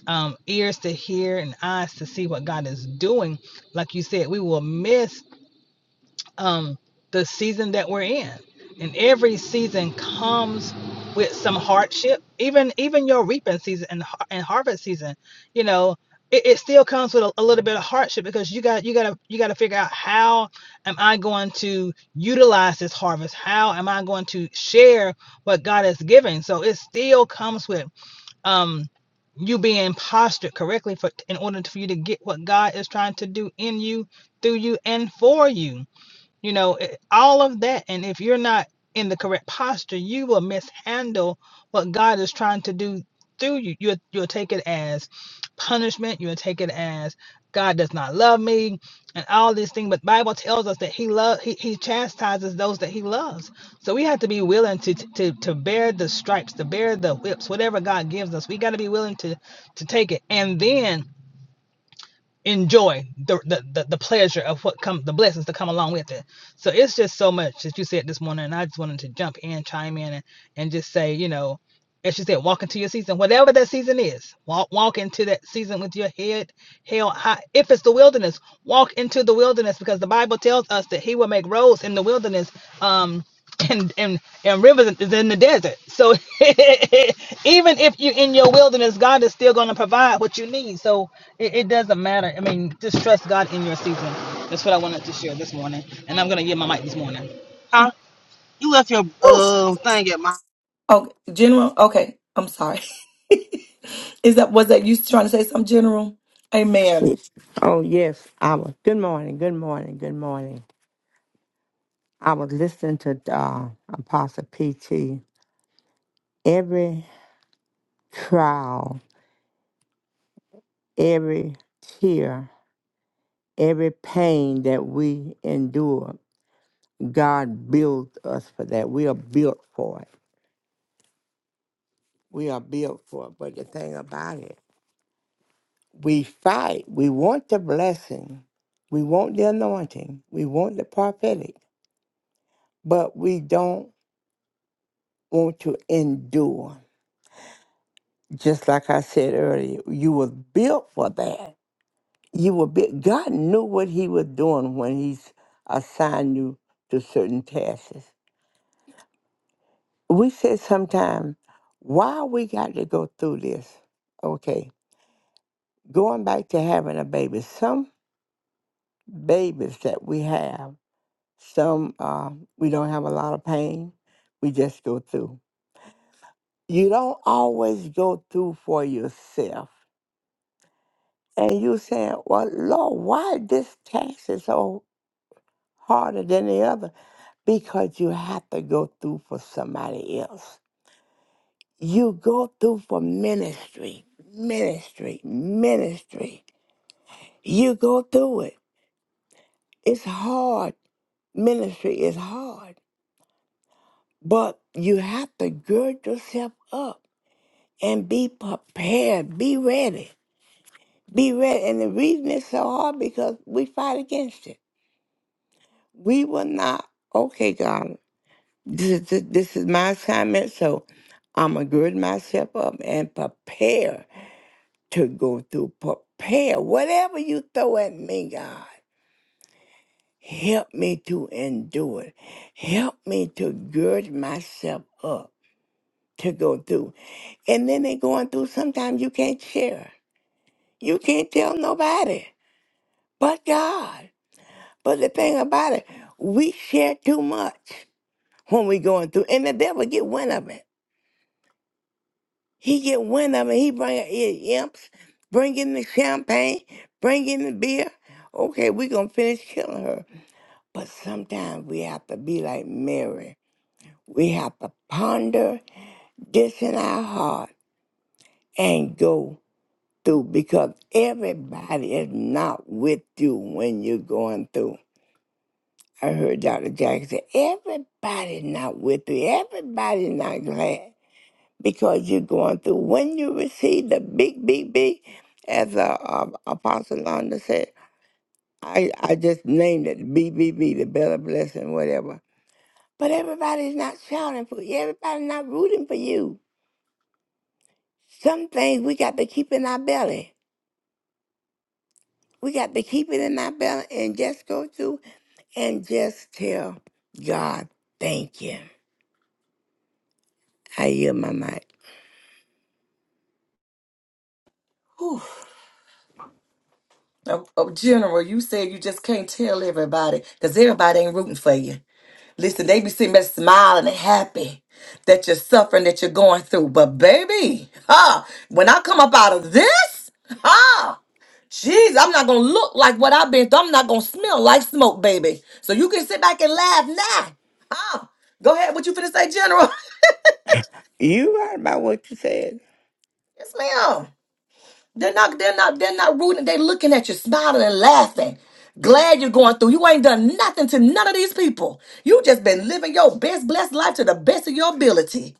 S4: um, ears to hear and eyes to see what God is doing, like you said, we will miss um, the season that we're in. And every season comes with some hardship. Even even your reaping season and, har- and harvest season, you know, it, it still comes with a, a little bit of hardship because you got you got to you got to figure out how am I going to utilize this harvest? How am I going to share what God is giving? So it still comes with um, you being postured correctly for in order for you to get what God is trying to do in you, through you, and for you you know it- all of that and if you're not in the correct posture you will mishandle what god is trying to do through you you'll, you'll take it as punishment you'll take it as god does not love me and all these things but bible tells us that he love he, he chastises those that he loves so we have to be willing to, to to bear the stripes to bear the whips whatever god gives us we got to be willing to to take it and then enjoy the, the the the pleasure of what come the blessings to come along with it. So it's just so much that you said this morning, and I just wanted to jump in, chime in, and, and just say, you know, as you said, walk into your season, whatever that season is. Walk walk into that season with your head held high. If it's the wilderness, walk into the wilderness because the Bible tells us that He will make roads in the wilderness. Um, and and and rivers is in the desert. So even if you're in your wilderness, God is still going to provide what you need. So it, it doesn't matter. I mean, just trust God in your season. That's what I wanted to share this morning, and I'm going to get my mic this morning. Huh? You left your um thing at my.
S1: Oh, general. Okay, I'm sorry. Is that was that you trying to say something, general? Amen.
S5: Oh, yes. I was. Good morning. Good morning. Good morning. I was listening to uh, Apostle PT. Every trial, every tear, every pain that we endure, God builds us for that. We are built for it. We are built for it. But the thing about it, we fight. We want the blessing. We want the anointing. We want the prophetic. But we don't want to endure. just like I said earlier, you were built for that. You were built. God knew what He was doing when He assigned you to certain tasks. We said sometimes, why we got to go through this? Okay, going back to having a baby. Some babies that we have, some uh, we don't have a lot of pain. We just go through. You don't always go through for yourself and you saying, "Well, Lord, why this tax is so?" harder than the other because you have to go through for somebody else. You go through for ministry, ministry, ministry. You go through it. It's hard. Ministry is hard, but you have to gird yourself up and be prepared, be ready, be ready. And the reason it's so hard because we fight against it. We will not. Okay, God. This is, this is my assignment, so I'm going to gird myself up and prepare to go through. Prepare. Whatever you throw at me, God, help me to endure it. Help me to gird myself up to go through. And then they going through, sometimes you can't share. You can't tell nobody but God. But the thing about it, we share too much when we going through, and the devil get wind of it. He get wind of it. He bring in imps, bring in the champagne, bring in the beer. Okay, we gonna finish killing her. But sometimes we have to be like Mary. We have to ponder this in our heart and go through because everybody is not with you when you're going through. I heard Dr. Jackson say, everybody's not with you. Everybody's not glad. because you're going through. When you receive the big, big, big, as uh, uh, Apostle Londa said, I, I just named it B B B, the better blessing, whatever. But everybody's not shouting for you. Everybody's not rooting for you. Some things we got to keep in our belly. We got to keep it in our belly and just go through and just tell God, thank you. I yield my mic.
S1: Whew. Oh, oh, general, you said you just can't tell everybody because everybody ain't rooting for you. Listen, they be sitting there smiling and happy that you're suffering, that you're going through. But baby, huh? When I come up out of this, huh? Jeez, I'm not gonna look like what I've been through. I'm not gonna smell like smoke, baby. So you can sit back and laugh now. Huh? Go ahead. What you finna say, General?
S5: You right about what you said.
S1: Yes, ma'am. They're not, they're not, they're not rooting. They're looking at you, smiling and laughing. Glad you're going through. You ain't done nothing to none of these people. You just been living your best blessed life to the best of your ability.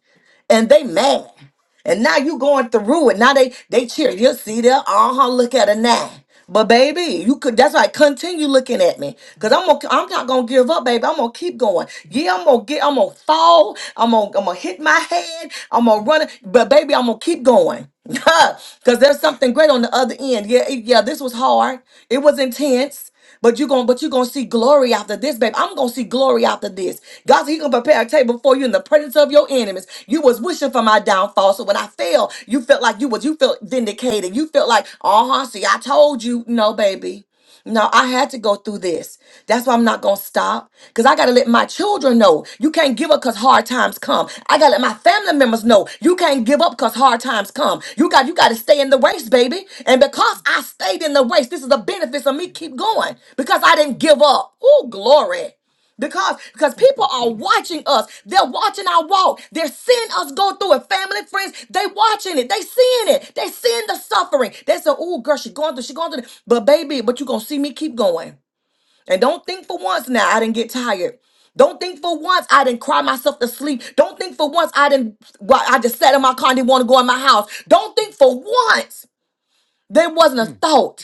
S1: And they mad. And now you going through it. Now they they cheer. You see there, uh-huh, look at her now. But baby, you could that's right. Continue looking at me. Cause I'm gonna I'm not gonna give up, baby. I'm gonna keep going. Yeah, I'm gonna get I'm gonna fall. I'm gonna I'm gonna hit my head. I'm gonna run it. But baby, I'm gonna keep going. Cause there's something great on the other end. Yeah, it- yeah, this was hard. It was intense. But you're gonna, but you're gonna see glory after this, babe. I'm gonna see glory after this. God, said He gonna prepare a table for you in the presence of your enemies. You was wishing for my downfall, so when I fell, you felt like you was, you felt vindicated. You felt like, uh huh. See, I told you, no, baby. No, I had to go through this. That's why I'm not going to stop because I got to let my children know you can't give up because hard times come. I got to let my family members know you can't give up because hard times come. You got you got to stay in the race, baby. And because I stayed in the race, this is the benefits of me keep going because I didn't give up. Oh, glory because because
S5: Thank
S1: people
S5: you,
S1: are
S5: Jesus.
S1: watching us they're watching our walk they're seeing us go through it family friends they watching it they seeing it they seeing the suffering they say oh girl she going through she going through but baby but you gonna see me keep going and don't think for once now I didn't get tired. Don't think for once I didn't cry myself to sleep. Don't think for once I didn't, well, I just sat in my car and didn't want to go in my house. Don't think for once there wasn't a thought.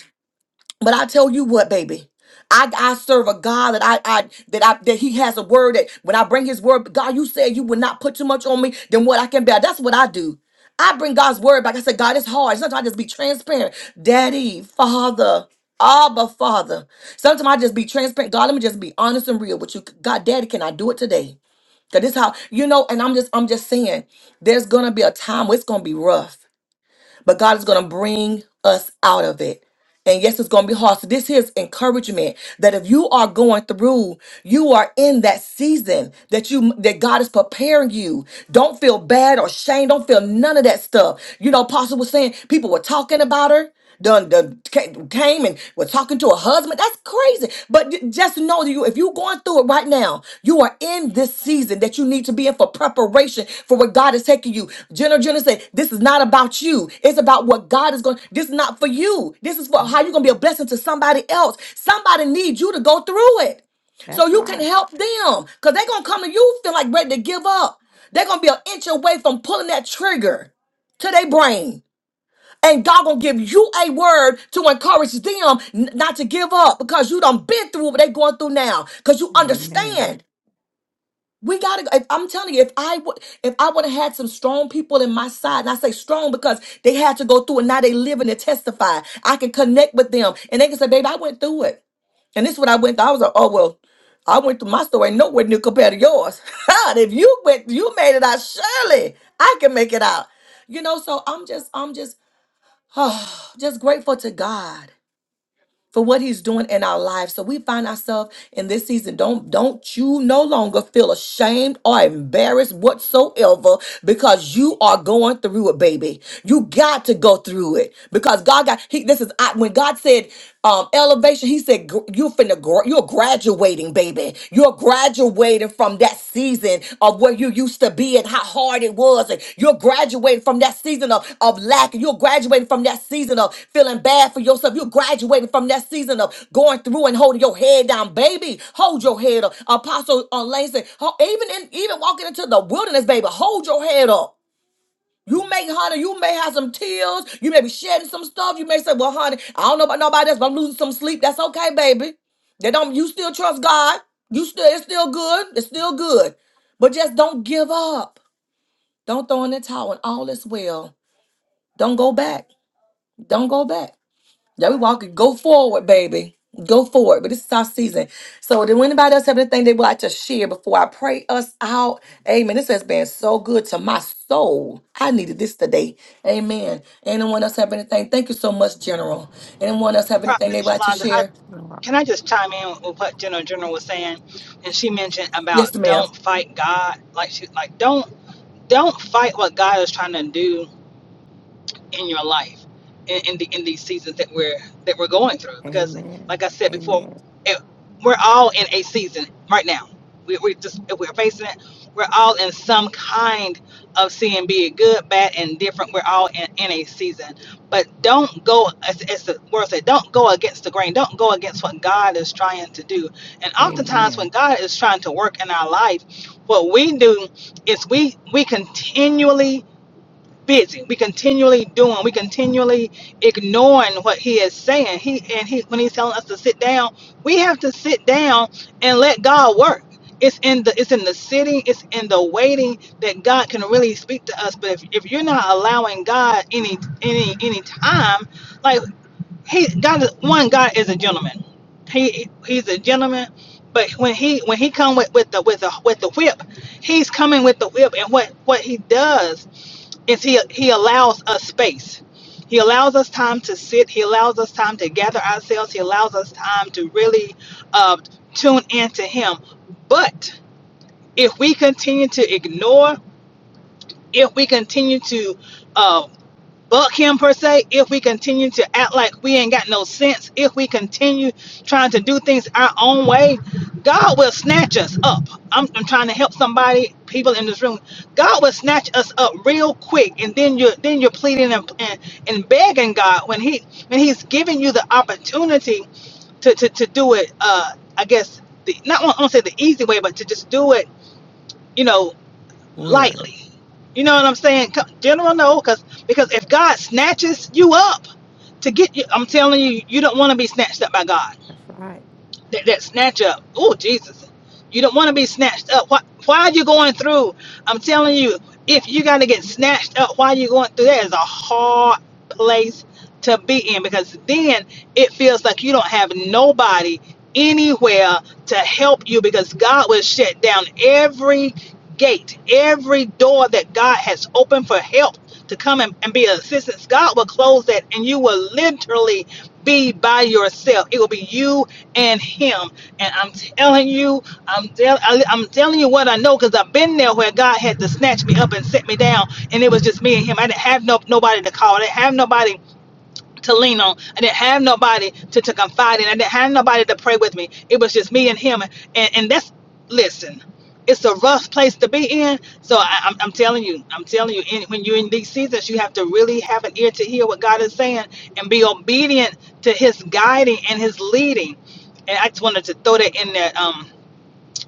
S1: But I tell you what, baby. I, I serve a God that I, I that I that He has a word that when I bring His word, God, you said you would not put too much on me than what I can bear. That's what I do. I bring God's word back. I said, God, it's hard. Sometimes I just be transparent. Daddy, Father, Abba, Father. Sometimes I just be transparent. God, let me just be honest and real with you. God, Daddy, can I do it today? Cause this how you know. And I'm just I'm just saying, there's gonna be a time where it's gonna be rough but God is going to bring us out of it. And yes, it's going to be hard. So, this here is encouragement that if you are going through, you are in that season that you that God is preparing you. Don't feel bad or shame. Don't feel none of that stuff. You know, Apostle was saying people were talking about her. Done, done ca- came and were talking to her husband. That's crazy. But j- just know that you, if you're going through it right now, you are in this season that you need to be in for preparation for what God is taking you. Jenna Jenna said, This is not about you. It's about what God is going. This is not for you. This is for
S5: Mm,
S1: how you're gonna be a blessing to somebody else. Somebody needs you to go through it. So
S5: That's
S1: you can
S5: right.
S1: help them. Because they're gonna come to you feel like ready to give up. They're gonna be an inch away from pulling that trigger to their brain and God gonna give you a word to encourage them n- not to give up because you done been through what they going through now. Because you
S5: Amen.
S1: understand. We gotta. If, I'm telling you, if I would, if I would have had some strong people in my side, and I say strong because they had to go through and now they living and testify. I can connect with them, and they can say, "Baby, I went through it, and this is what I went through." I was like, "Oh well, I went through my story ain't nowhere near compared to yours. God, if you went, you made it out. Surely I can make it out." You know, so I'm just, I'm just Oh, just grateful to God for what he's doing in our lives. So we find ourselves in this season. Don't don't you no longer feel ashamed or embarrassed whatsoever because you are going through it, baby. You got to go through it because God got he this is I, when God said um elevation, he said gr- you finna gr- you're graduating, baby. You're graduating Graduating from that season of where you used to be and how hard it was. And you're graduating from that season of, of lack. You're graduating from that season of feeling bad for yourself. You're graduating from that season of going through and holding your head down. Baby, hold your head up. Apostle on Lane said, "Ho- even in, even walking into the wilderness, baby, hold your head up. You may, honey, you may have some tears. You may be shedding some stuff. You may say, well, honey, I don't know about nobody else, but I'm losing some sleep. That's okay, baby. They don't, you still trust God. You still, it's still good. It's still good. But just don't give up. Don't throw in the towel and all is well. Don't go back. Don't go back. Yeah, we walking. Go forward, baby. Go forward. But this is our season. So, do anybody else have anything they would like to share before I pray us out? Amen. This has been so good to my soul. I needed this today. Amen. Anyone else have anything? Thank you so much, General. Anyone else have anything
S4: Prophet
S1: they would like to
S4: Yolanda,
S5: Oh,
S4: I,
S1: share?
S5: Lord.
S4: can I just chime in with what General General was saying? And she mentioned
S1: Yes,
S4: about
S1: ma'am.
S4: don't fight God. Like she like don't don't fight what God is trying to do in your life in, in the in these seasons that we're that we're going through. Because
S5: Amen.
S4: like I said before,
S5: Amen.
S4: it, we're all in a season right now. We, we're just we're facing it. We're all in some kind of seeing, be it good, bad, and different. We're all in, in a season, but don't go as, as the word said. Don't go against the grain. Don't go against what God is trying to do. And oftentimes, when
S5: Amen.
S4: God is trying to work in our life, what we do is we we continually busy. We continually doing. We continually ignoring what he is saying. He and he when he's telling us to sit down, we have to sit down and let God work. It's in the it's in the sitting, it's in the waiting that God can really speak to us. But if, if you're not allowing God any any any time, like he God is one God is a gentleman. He he's a gentleman. But when he when he come with, with the with the with the whip, he's coming with the whip, and what what he does is he he allows us space he allows us time to sit he allows us time to gather ourselves he allows us time to really uh, tune in to him but if we continue to ignore if we continue to uh, buck him per se if we continue to act like we ain't got no sense if we continue trying to do things our own way god will snatch us up i'm, I'm trying to help somebody people in this room god will snatch us up real quick and then you're then you're pleading and, and, and begging god when he when he's giving you the opportunity to to, to do it uh i guess the not i won't say the easy way but to just do it you know
S5: Would.
S4: lightly. You know what I'm saying? General, no, because because if God snatches you up to get you, I'm telling you, you don't want to be snatched up by God
S5: That's right.
S4: that, that snatch up. Oh, Jesus. You don't want to be snatched up. Why, why are you going through? I'm telling you, if you got to get snatched up, why are you going through? That is a hard place to be in because then it feels like you don't have nobody anywhere to help you because God will shut down every gate, every door that God has opened for help to come and, and be of assistance. God will close that and you will literally be by yourself. It will be you and him. And I'm telling you, I'm, tell, I, am telling you what I know because I've been there where God had to snatch me up and set me down, and it was just me and him. I didn't have no nobody to call. I didn't have nobody to lean on. I didn't have nobody to, to confide in. I didn't have nobody to pray with me. It was just me and him. And, and that's, listen, it's a rough place to be in. So I, I'm, I'm telling you, I'm telling you, in, when you're in these seasons, you have to really have an ear to hear what God is saying and be obedient to his guiding and his leading. And I just wanted to throw that in there. Um,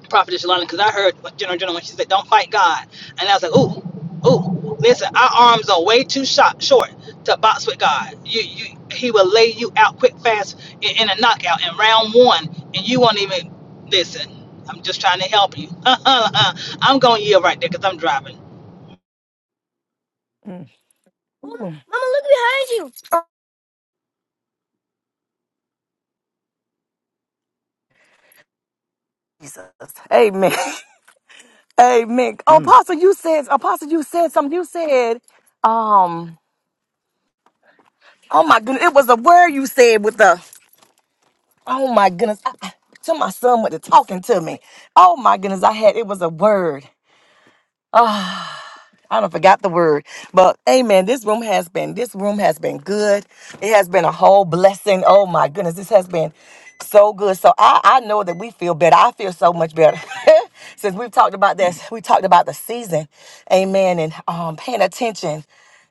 S4: Prophetess Yolanda because I heard what General General when she said, "Don't fight God," and I was like, "Ooh, ooh, listen, our arms are way too short, short to box with God. You, you, He will lay you out quick, fast in, in a knockout in round one, and you won't even listen. I'm just trying to help you. I'm going to yield right there because I'm driving.
S5: Mm,
S1: Jesus. Amen. Amen. Oh,
S5: mm,
S1: Apostle, you said, Apostle, you said something. You said, um, oh my goodness, it was a word you said with the Oh my goodness. I, I, to my son with the talking to me. Oh my goodness. I had it was a word. Ah, I don't forgot the word. But amen. This room has been this room has been good. It has been a whole blessing. Oh my goodness. This has been so good. So I, I know that we feel better. I feel so much better. Since we've talked about
S5: mm,
S1: this, we talked about the season. Amen. And um paying attention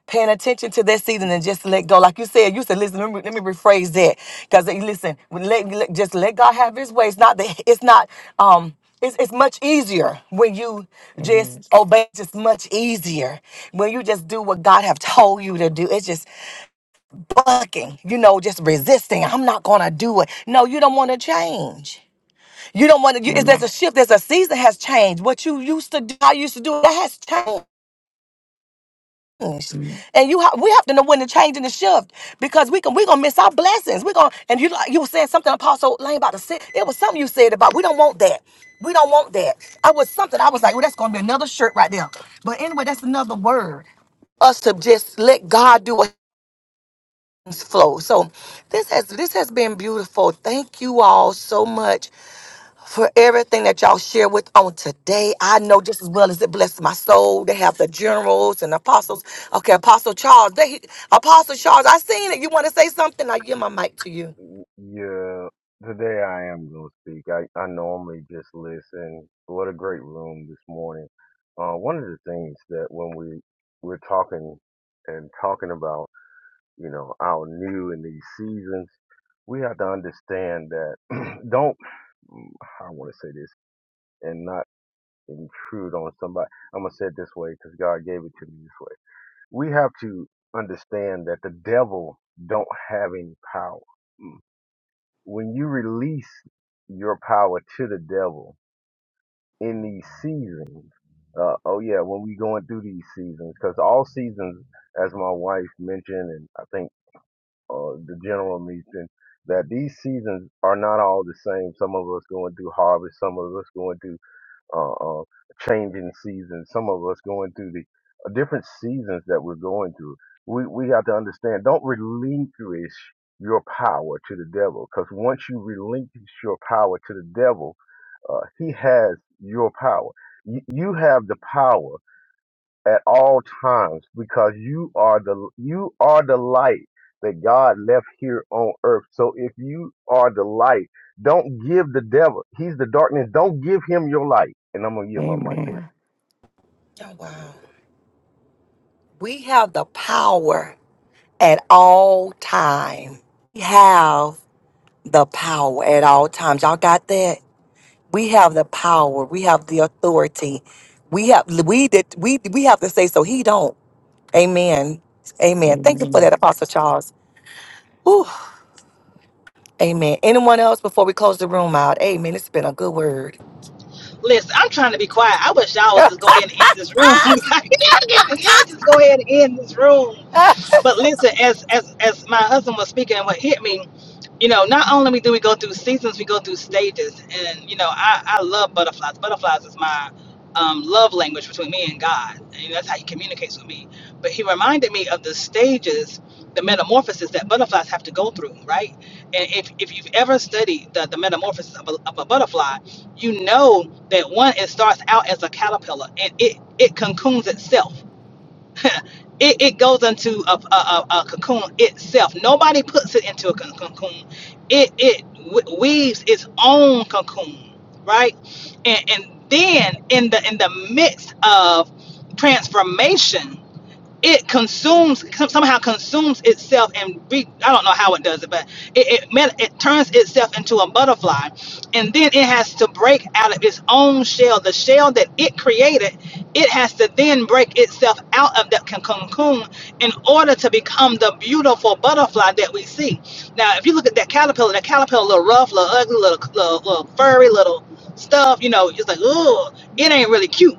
S1: paying attention to that season
S5: mm.
S1: and just to let go. Like you said, you said, listen, let me, let me rephrase that. Cause eh, listen, when let, let- just let God have his way. It's not that it's not, um, it's, it's much easier when you just
S5: Yes.
S1: obey. It's just much easier when you just do what God have told you to do. It's just bucking, you know, just resisting. I'm not gonna do it. No, you don't want to change. You don't want to. There's
S5: Amen.
S1: a shift. There's a season has changed. What you used to do, how you used to do, that has changed things.
S5: Mm.
S1: And you ha- we have to know when to change and to shift because we can we're gonna miss our blessings. We're gonna and you like you were saying something Apostle Lane about the sin. It was something you said about we don't want that. We don't want that. I was something I was like, well, that's gonna be another shirt right there. But anyway, that's another word. Us to just let God do what flow. So this has this has been beautiful. Thank you all so much for everything that y'all share with on today. I know just as well as it blessed my soul. They have the generals and apostles. Okay, Apostle Charles. They, Apostle Charles, I seen it. You want to say something? I give my mic to you.
S6: Y- Yeah, today I am going to speak. I, I normally just listen. What a great room this morning. Uh, one of the things that when we we're talking and talking about, you know, our new in these seasons, we have to understand that don't, I want to say this and not intrude on somebody. I'm going to say it this way because God gave it to me this way. We have to understand that the devil don't have any power. Mm when you release your power to the devil in these seasons, uh, oh yeah, when we going through these seasons, because all seasons, as my wife mentioned, and I think uh, the general mentioned, that these seasons are not all the same. Some of us going through harvest, some of us going through uh, uh, changing seasons. Some of us going through the uh, different seasons that we're going through. We we have to understand. Don't relinquish your power to the devil, because once you relinquish your power to the devil, uh, he has your power. You, you have the power at all times because you are the you are the light that God left here on earth. So if you are the light, don't give the devil. He's the darkness. Don't give him your light. And I'm gonna yield my mic there.
S5: Amen.
S1: Oh, wow. We have the power at all time. We have the power at all times. Y'all got that? We have the power. We have the authority. We have we did we we have to say so he don't. Amen. Amen. Thank you for
S5: Amen.
S1: that, Apostle Charles. Amen. Anyone else before we close the room out? Amen. It's been a good word.
S4: Listen, I'm trying to be quiet. I wish y'all would just go ahead and end this room. y'all, give me- y'all just go ahead and end this room. But listen, as as as my husband was speaking, and what hit me, you know, not only do we go through seasons, we go through stages, and you know, I I love butterflies. Butterflies is my um, love language between me and God, and that's how He communicates with me. But He reminded me of the stages, the metamorphosis that butterflies have to go through, right? And if if you've ever studied the the metamorphosis of a, of a butterfly, you know that one it starts out as a caterpillar, and it it cocoons itself it, it goes into a, a, a, a cocoon itself. Nobody puts it into a co- cocoon. It it w- weaves its own cocoon, right? And and then in the in the midst of transformation, it consumes somehow consumes itself and re, I don't know how it does it, but it it, man- it turns itself into a butterfly, and then it has to break out of its own shell. The shell that it created, it has to then break itself out of that con- cocoon in order to become the beautiful butterfly that we see. Now, if you look at that caterpillar, that caterpillar, little rough, little ugly, little little, little furry, little stuff, you know, just like oh, it ain't really cute.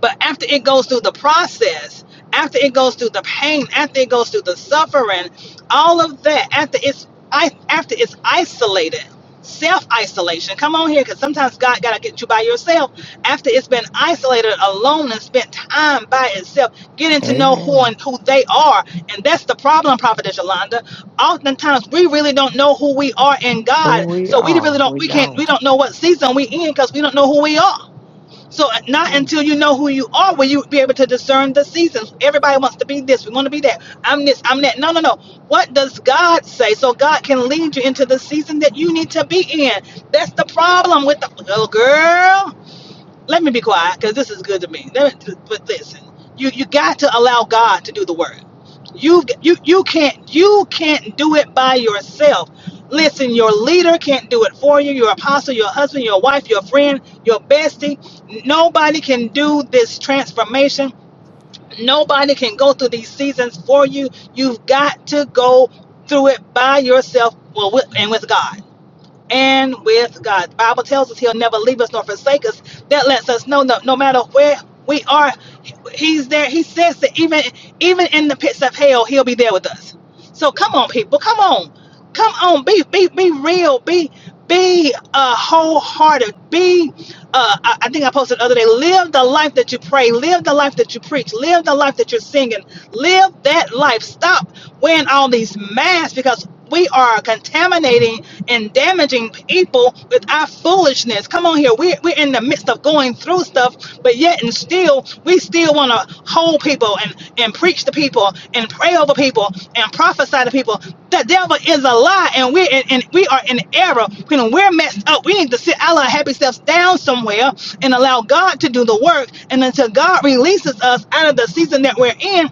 S4: But after it goes through the process, after it goes through the pain, after it goes through the suffering, all of that, after it's I after it's isolated, self isolation. Come on here, because sometimes God gotta get you by yourself. After it's been isolated, alone, and spent time by itself, getting to know who
S5: Amen.
S4: and who they are, and that's the problem, Prophetess Yolanda. Oftentimes we really don't know who we are in
S5: Who
S4: God,
S5: we
S4: so we
S5: are,
S4: really don't
S5: we
S4: we can't we
S5: don't.
S4: don't know what season we in because we don't know who we are. So not
S5: Mm.
S4: until you know who you are will you be able to discern the seasons. Everybody wants to be this. We want to be that. I'm this. I'm that. No, no, no. What does God say? So God can lead you into the season that you need to be in. That's the problem with the little girl let me be quiet because this is good to me. Let me, but listen, you you got to allow God to do the work. You you you can't you can't do it by yourself. Listen, your leader can't do it for you. Your apostle, your husband, your wife, your friend, your bestie. Nobody can do this transformation. Nobody can go through these seasons for you. You've got to go through it by yourself well, with, and with God and with God. The Bible tells us He'll never leave us nor forsake us. That lets us know no, no matter where we are, He's there. He says that even even in the pits of hell, He'll be there with us. So come on, people, come on, come on, be be be real, be be uh, wholehearted, Be uh, I, I think I posted the other day, live the life that you pray, live the life that you preach, live the life that you're singing, live that life. Stop wearing all these masks because we are contaminating and damaging people with our foolishness. Come on here. We're, we're in the midst of going through stuff, but yet and still still we still want to hold people and and preach to people and pray over people and prophesy to people. The devil is a lie, and we and, and we are in error. When we're messed up, we need to sit our happy selves down somewhere and allow God to do the work. And until God releases us out of the season that we're in,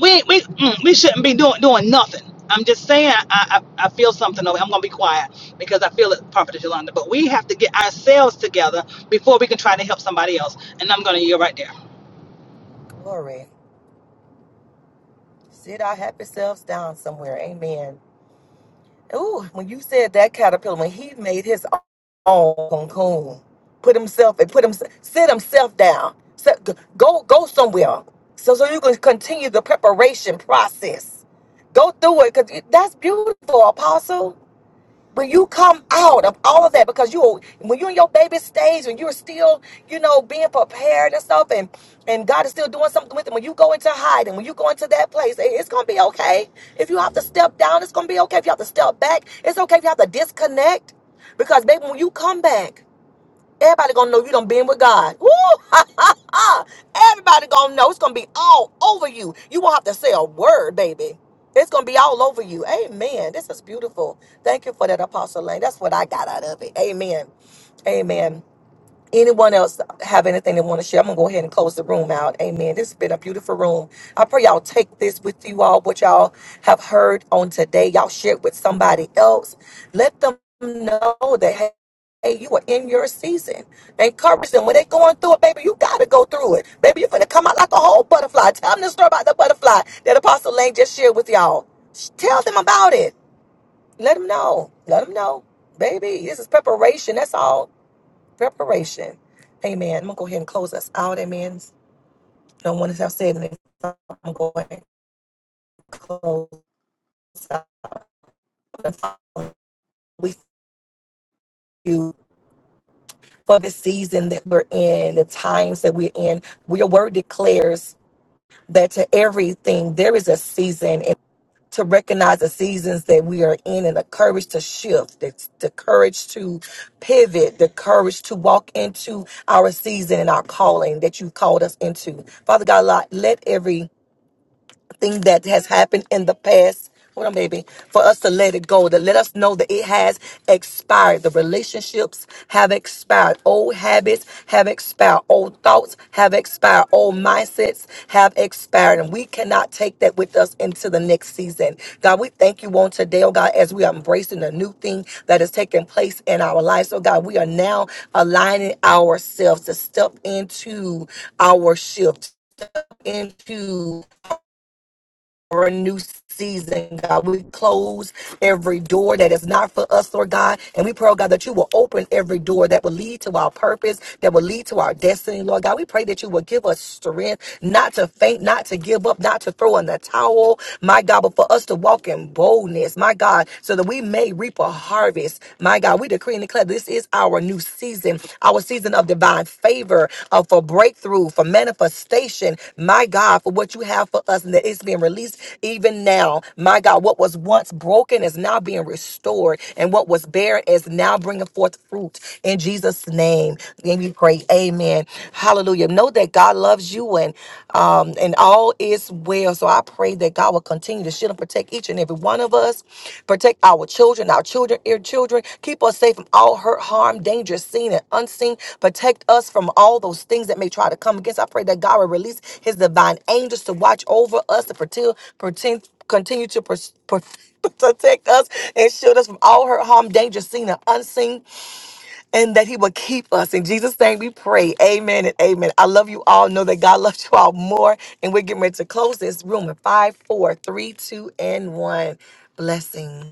S4: we we mm, we shouldn't be doing doing nothing. I'm just saying, I, I, I feel something over. I'm gonna be quiet because I feel it, Prophet Yolanda. But we have to get ourselves together before we can try to help somebody else. And I'm gonna yield right there.
S1: Glory. Sit our happy selves down somewhere. Amen. Ooh, when you said that caterpillar, when he made his own cocoon, put himself and put him sit himself down. So- Go go somewhere. So so you can continue the preparation process. Go through it because that's beautiful, Apostle. But you come out of all of that because you when you're in your baby stage and you're still, you know, being prepared and stuff and and God is still doing something with it, When you go into hiding, when you go into that place, it- it's gonna be okay. If you have to step down, it's gonna be okay. If you have to step back, it's okay if you have to disconnect. Because baby, when you come back, Everybody gonna know you done been with God. Woo! Everybody gonna know. It's gonna be all over you. You won't have to say a word, baby. It's gonna be all over you. Amen. This is beautiful. Thank you for that, Apostle Lane. That's what I got out of it. Amen. Amen. Anyone else have anything they want to share? I'm gonna go ahead and close the room out. Amen. This has been a beautiful room. I pray y'all take this with you all, what y'all have heard on today. Y'all share it with somebody else. Let them know that hey, hey, you are in your season. Encourage them when they're going through it, baby. You gotta go through it. Baby, you're gonna come out like a whole butterfly. Tell them the story about the butterfly that Apostle Lane just shared with y'all. Sh- Tell them about it. Let them know. Let them know. Baby, this is preparation. That's all preparation. Amen. I'm gonna go ahead and close us out. Amen. No one has said anything. so I'm going to close out. And Father, We you for the season that we're in, the times that we're in. Your word declares that to everything there is a season, and to recognize the seasons that we are in, and the courage to shift, the, the courage to pivot, the courage to walk into our season and our calling that you've called us into. Father God, let every thing that has happened in the past. Hold on, baby. For us to let it go, to let us know that it has expired. The relationships have expired. Old habits have expired. Old thoughts have expired. Old mindsets have expired. And we cannot take that with us into the next season. God, we thank you on today, oh God, as we are embracing the new thing that is taking place in our lives. Oh God, we are now aligning ourselves to step into our shift, into for a new season, God. We close every door that is not for us, Lord God. And we pray, oh God, that you will open every door that will lead to our purpose, that will lead to our destiny, Lord God. We pray that you will give us strength not to faint, not to give up, not to throw in the towel, my God, but for us to walk in boldness, my God, so that we may reap a harvest, my God. We decree and declare this is our new new season, our season of divine favor, uh, for breakthrough, for manifestation. My God, for what you have for us and that it's being released even now. My God, what was once broken is now being restored, and what was barren is now bringing forth fruit in Jesus' name. Then we pray, Amen. Hallelujah. Know that God loves you and um, and all is well well. So I pray that God will continue to shield and protect each and every one of us, protect our children, our children, ear children. Keep us safe from all hurt, harm, danger, seen and unseen. Protect us from all those things that may try to come against. I pray that God will release his divine angels to watch over us, to protect, protect continue to pers- per- protect us and shield us from all hurt, harm, danger, seen and unseen and that he will keep us. In Jesus' name we pray. Amen and amen. I love you all. Know that God loves you all more. And we're getting ready to close this room in five, four, three, two, and one. Blessing.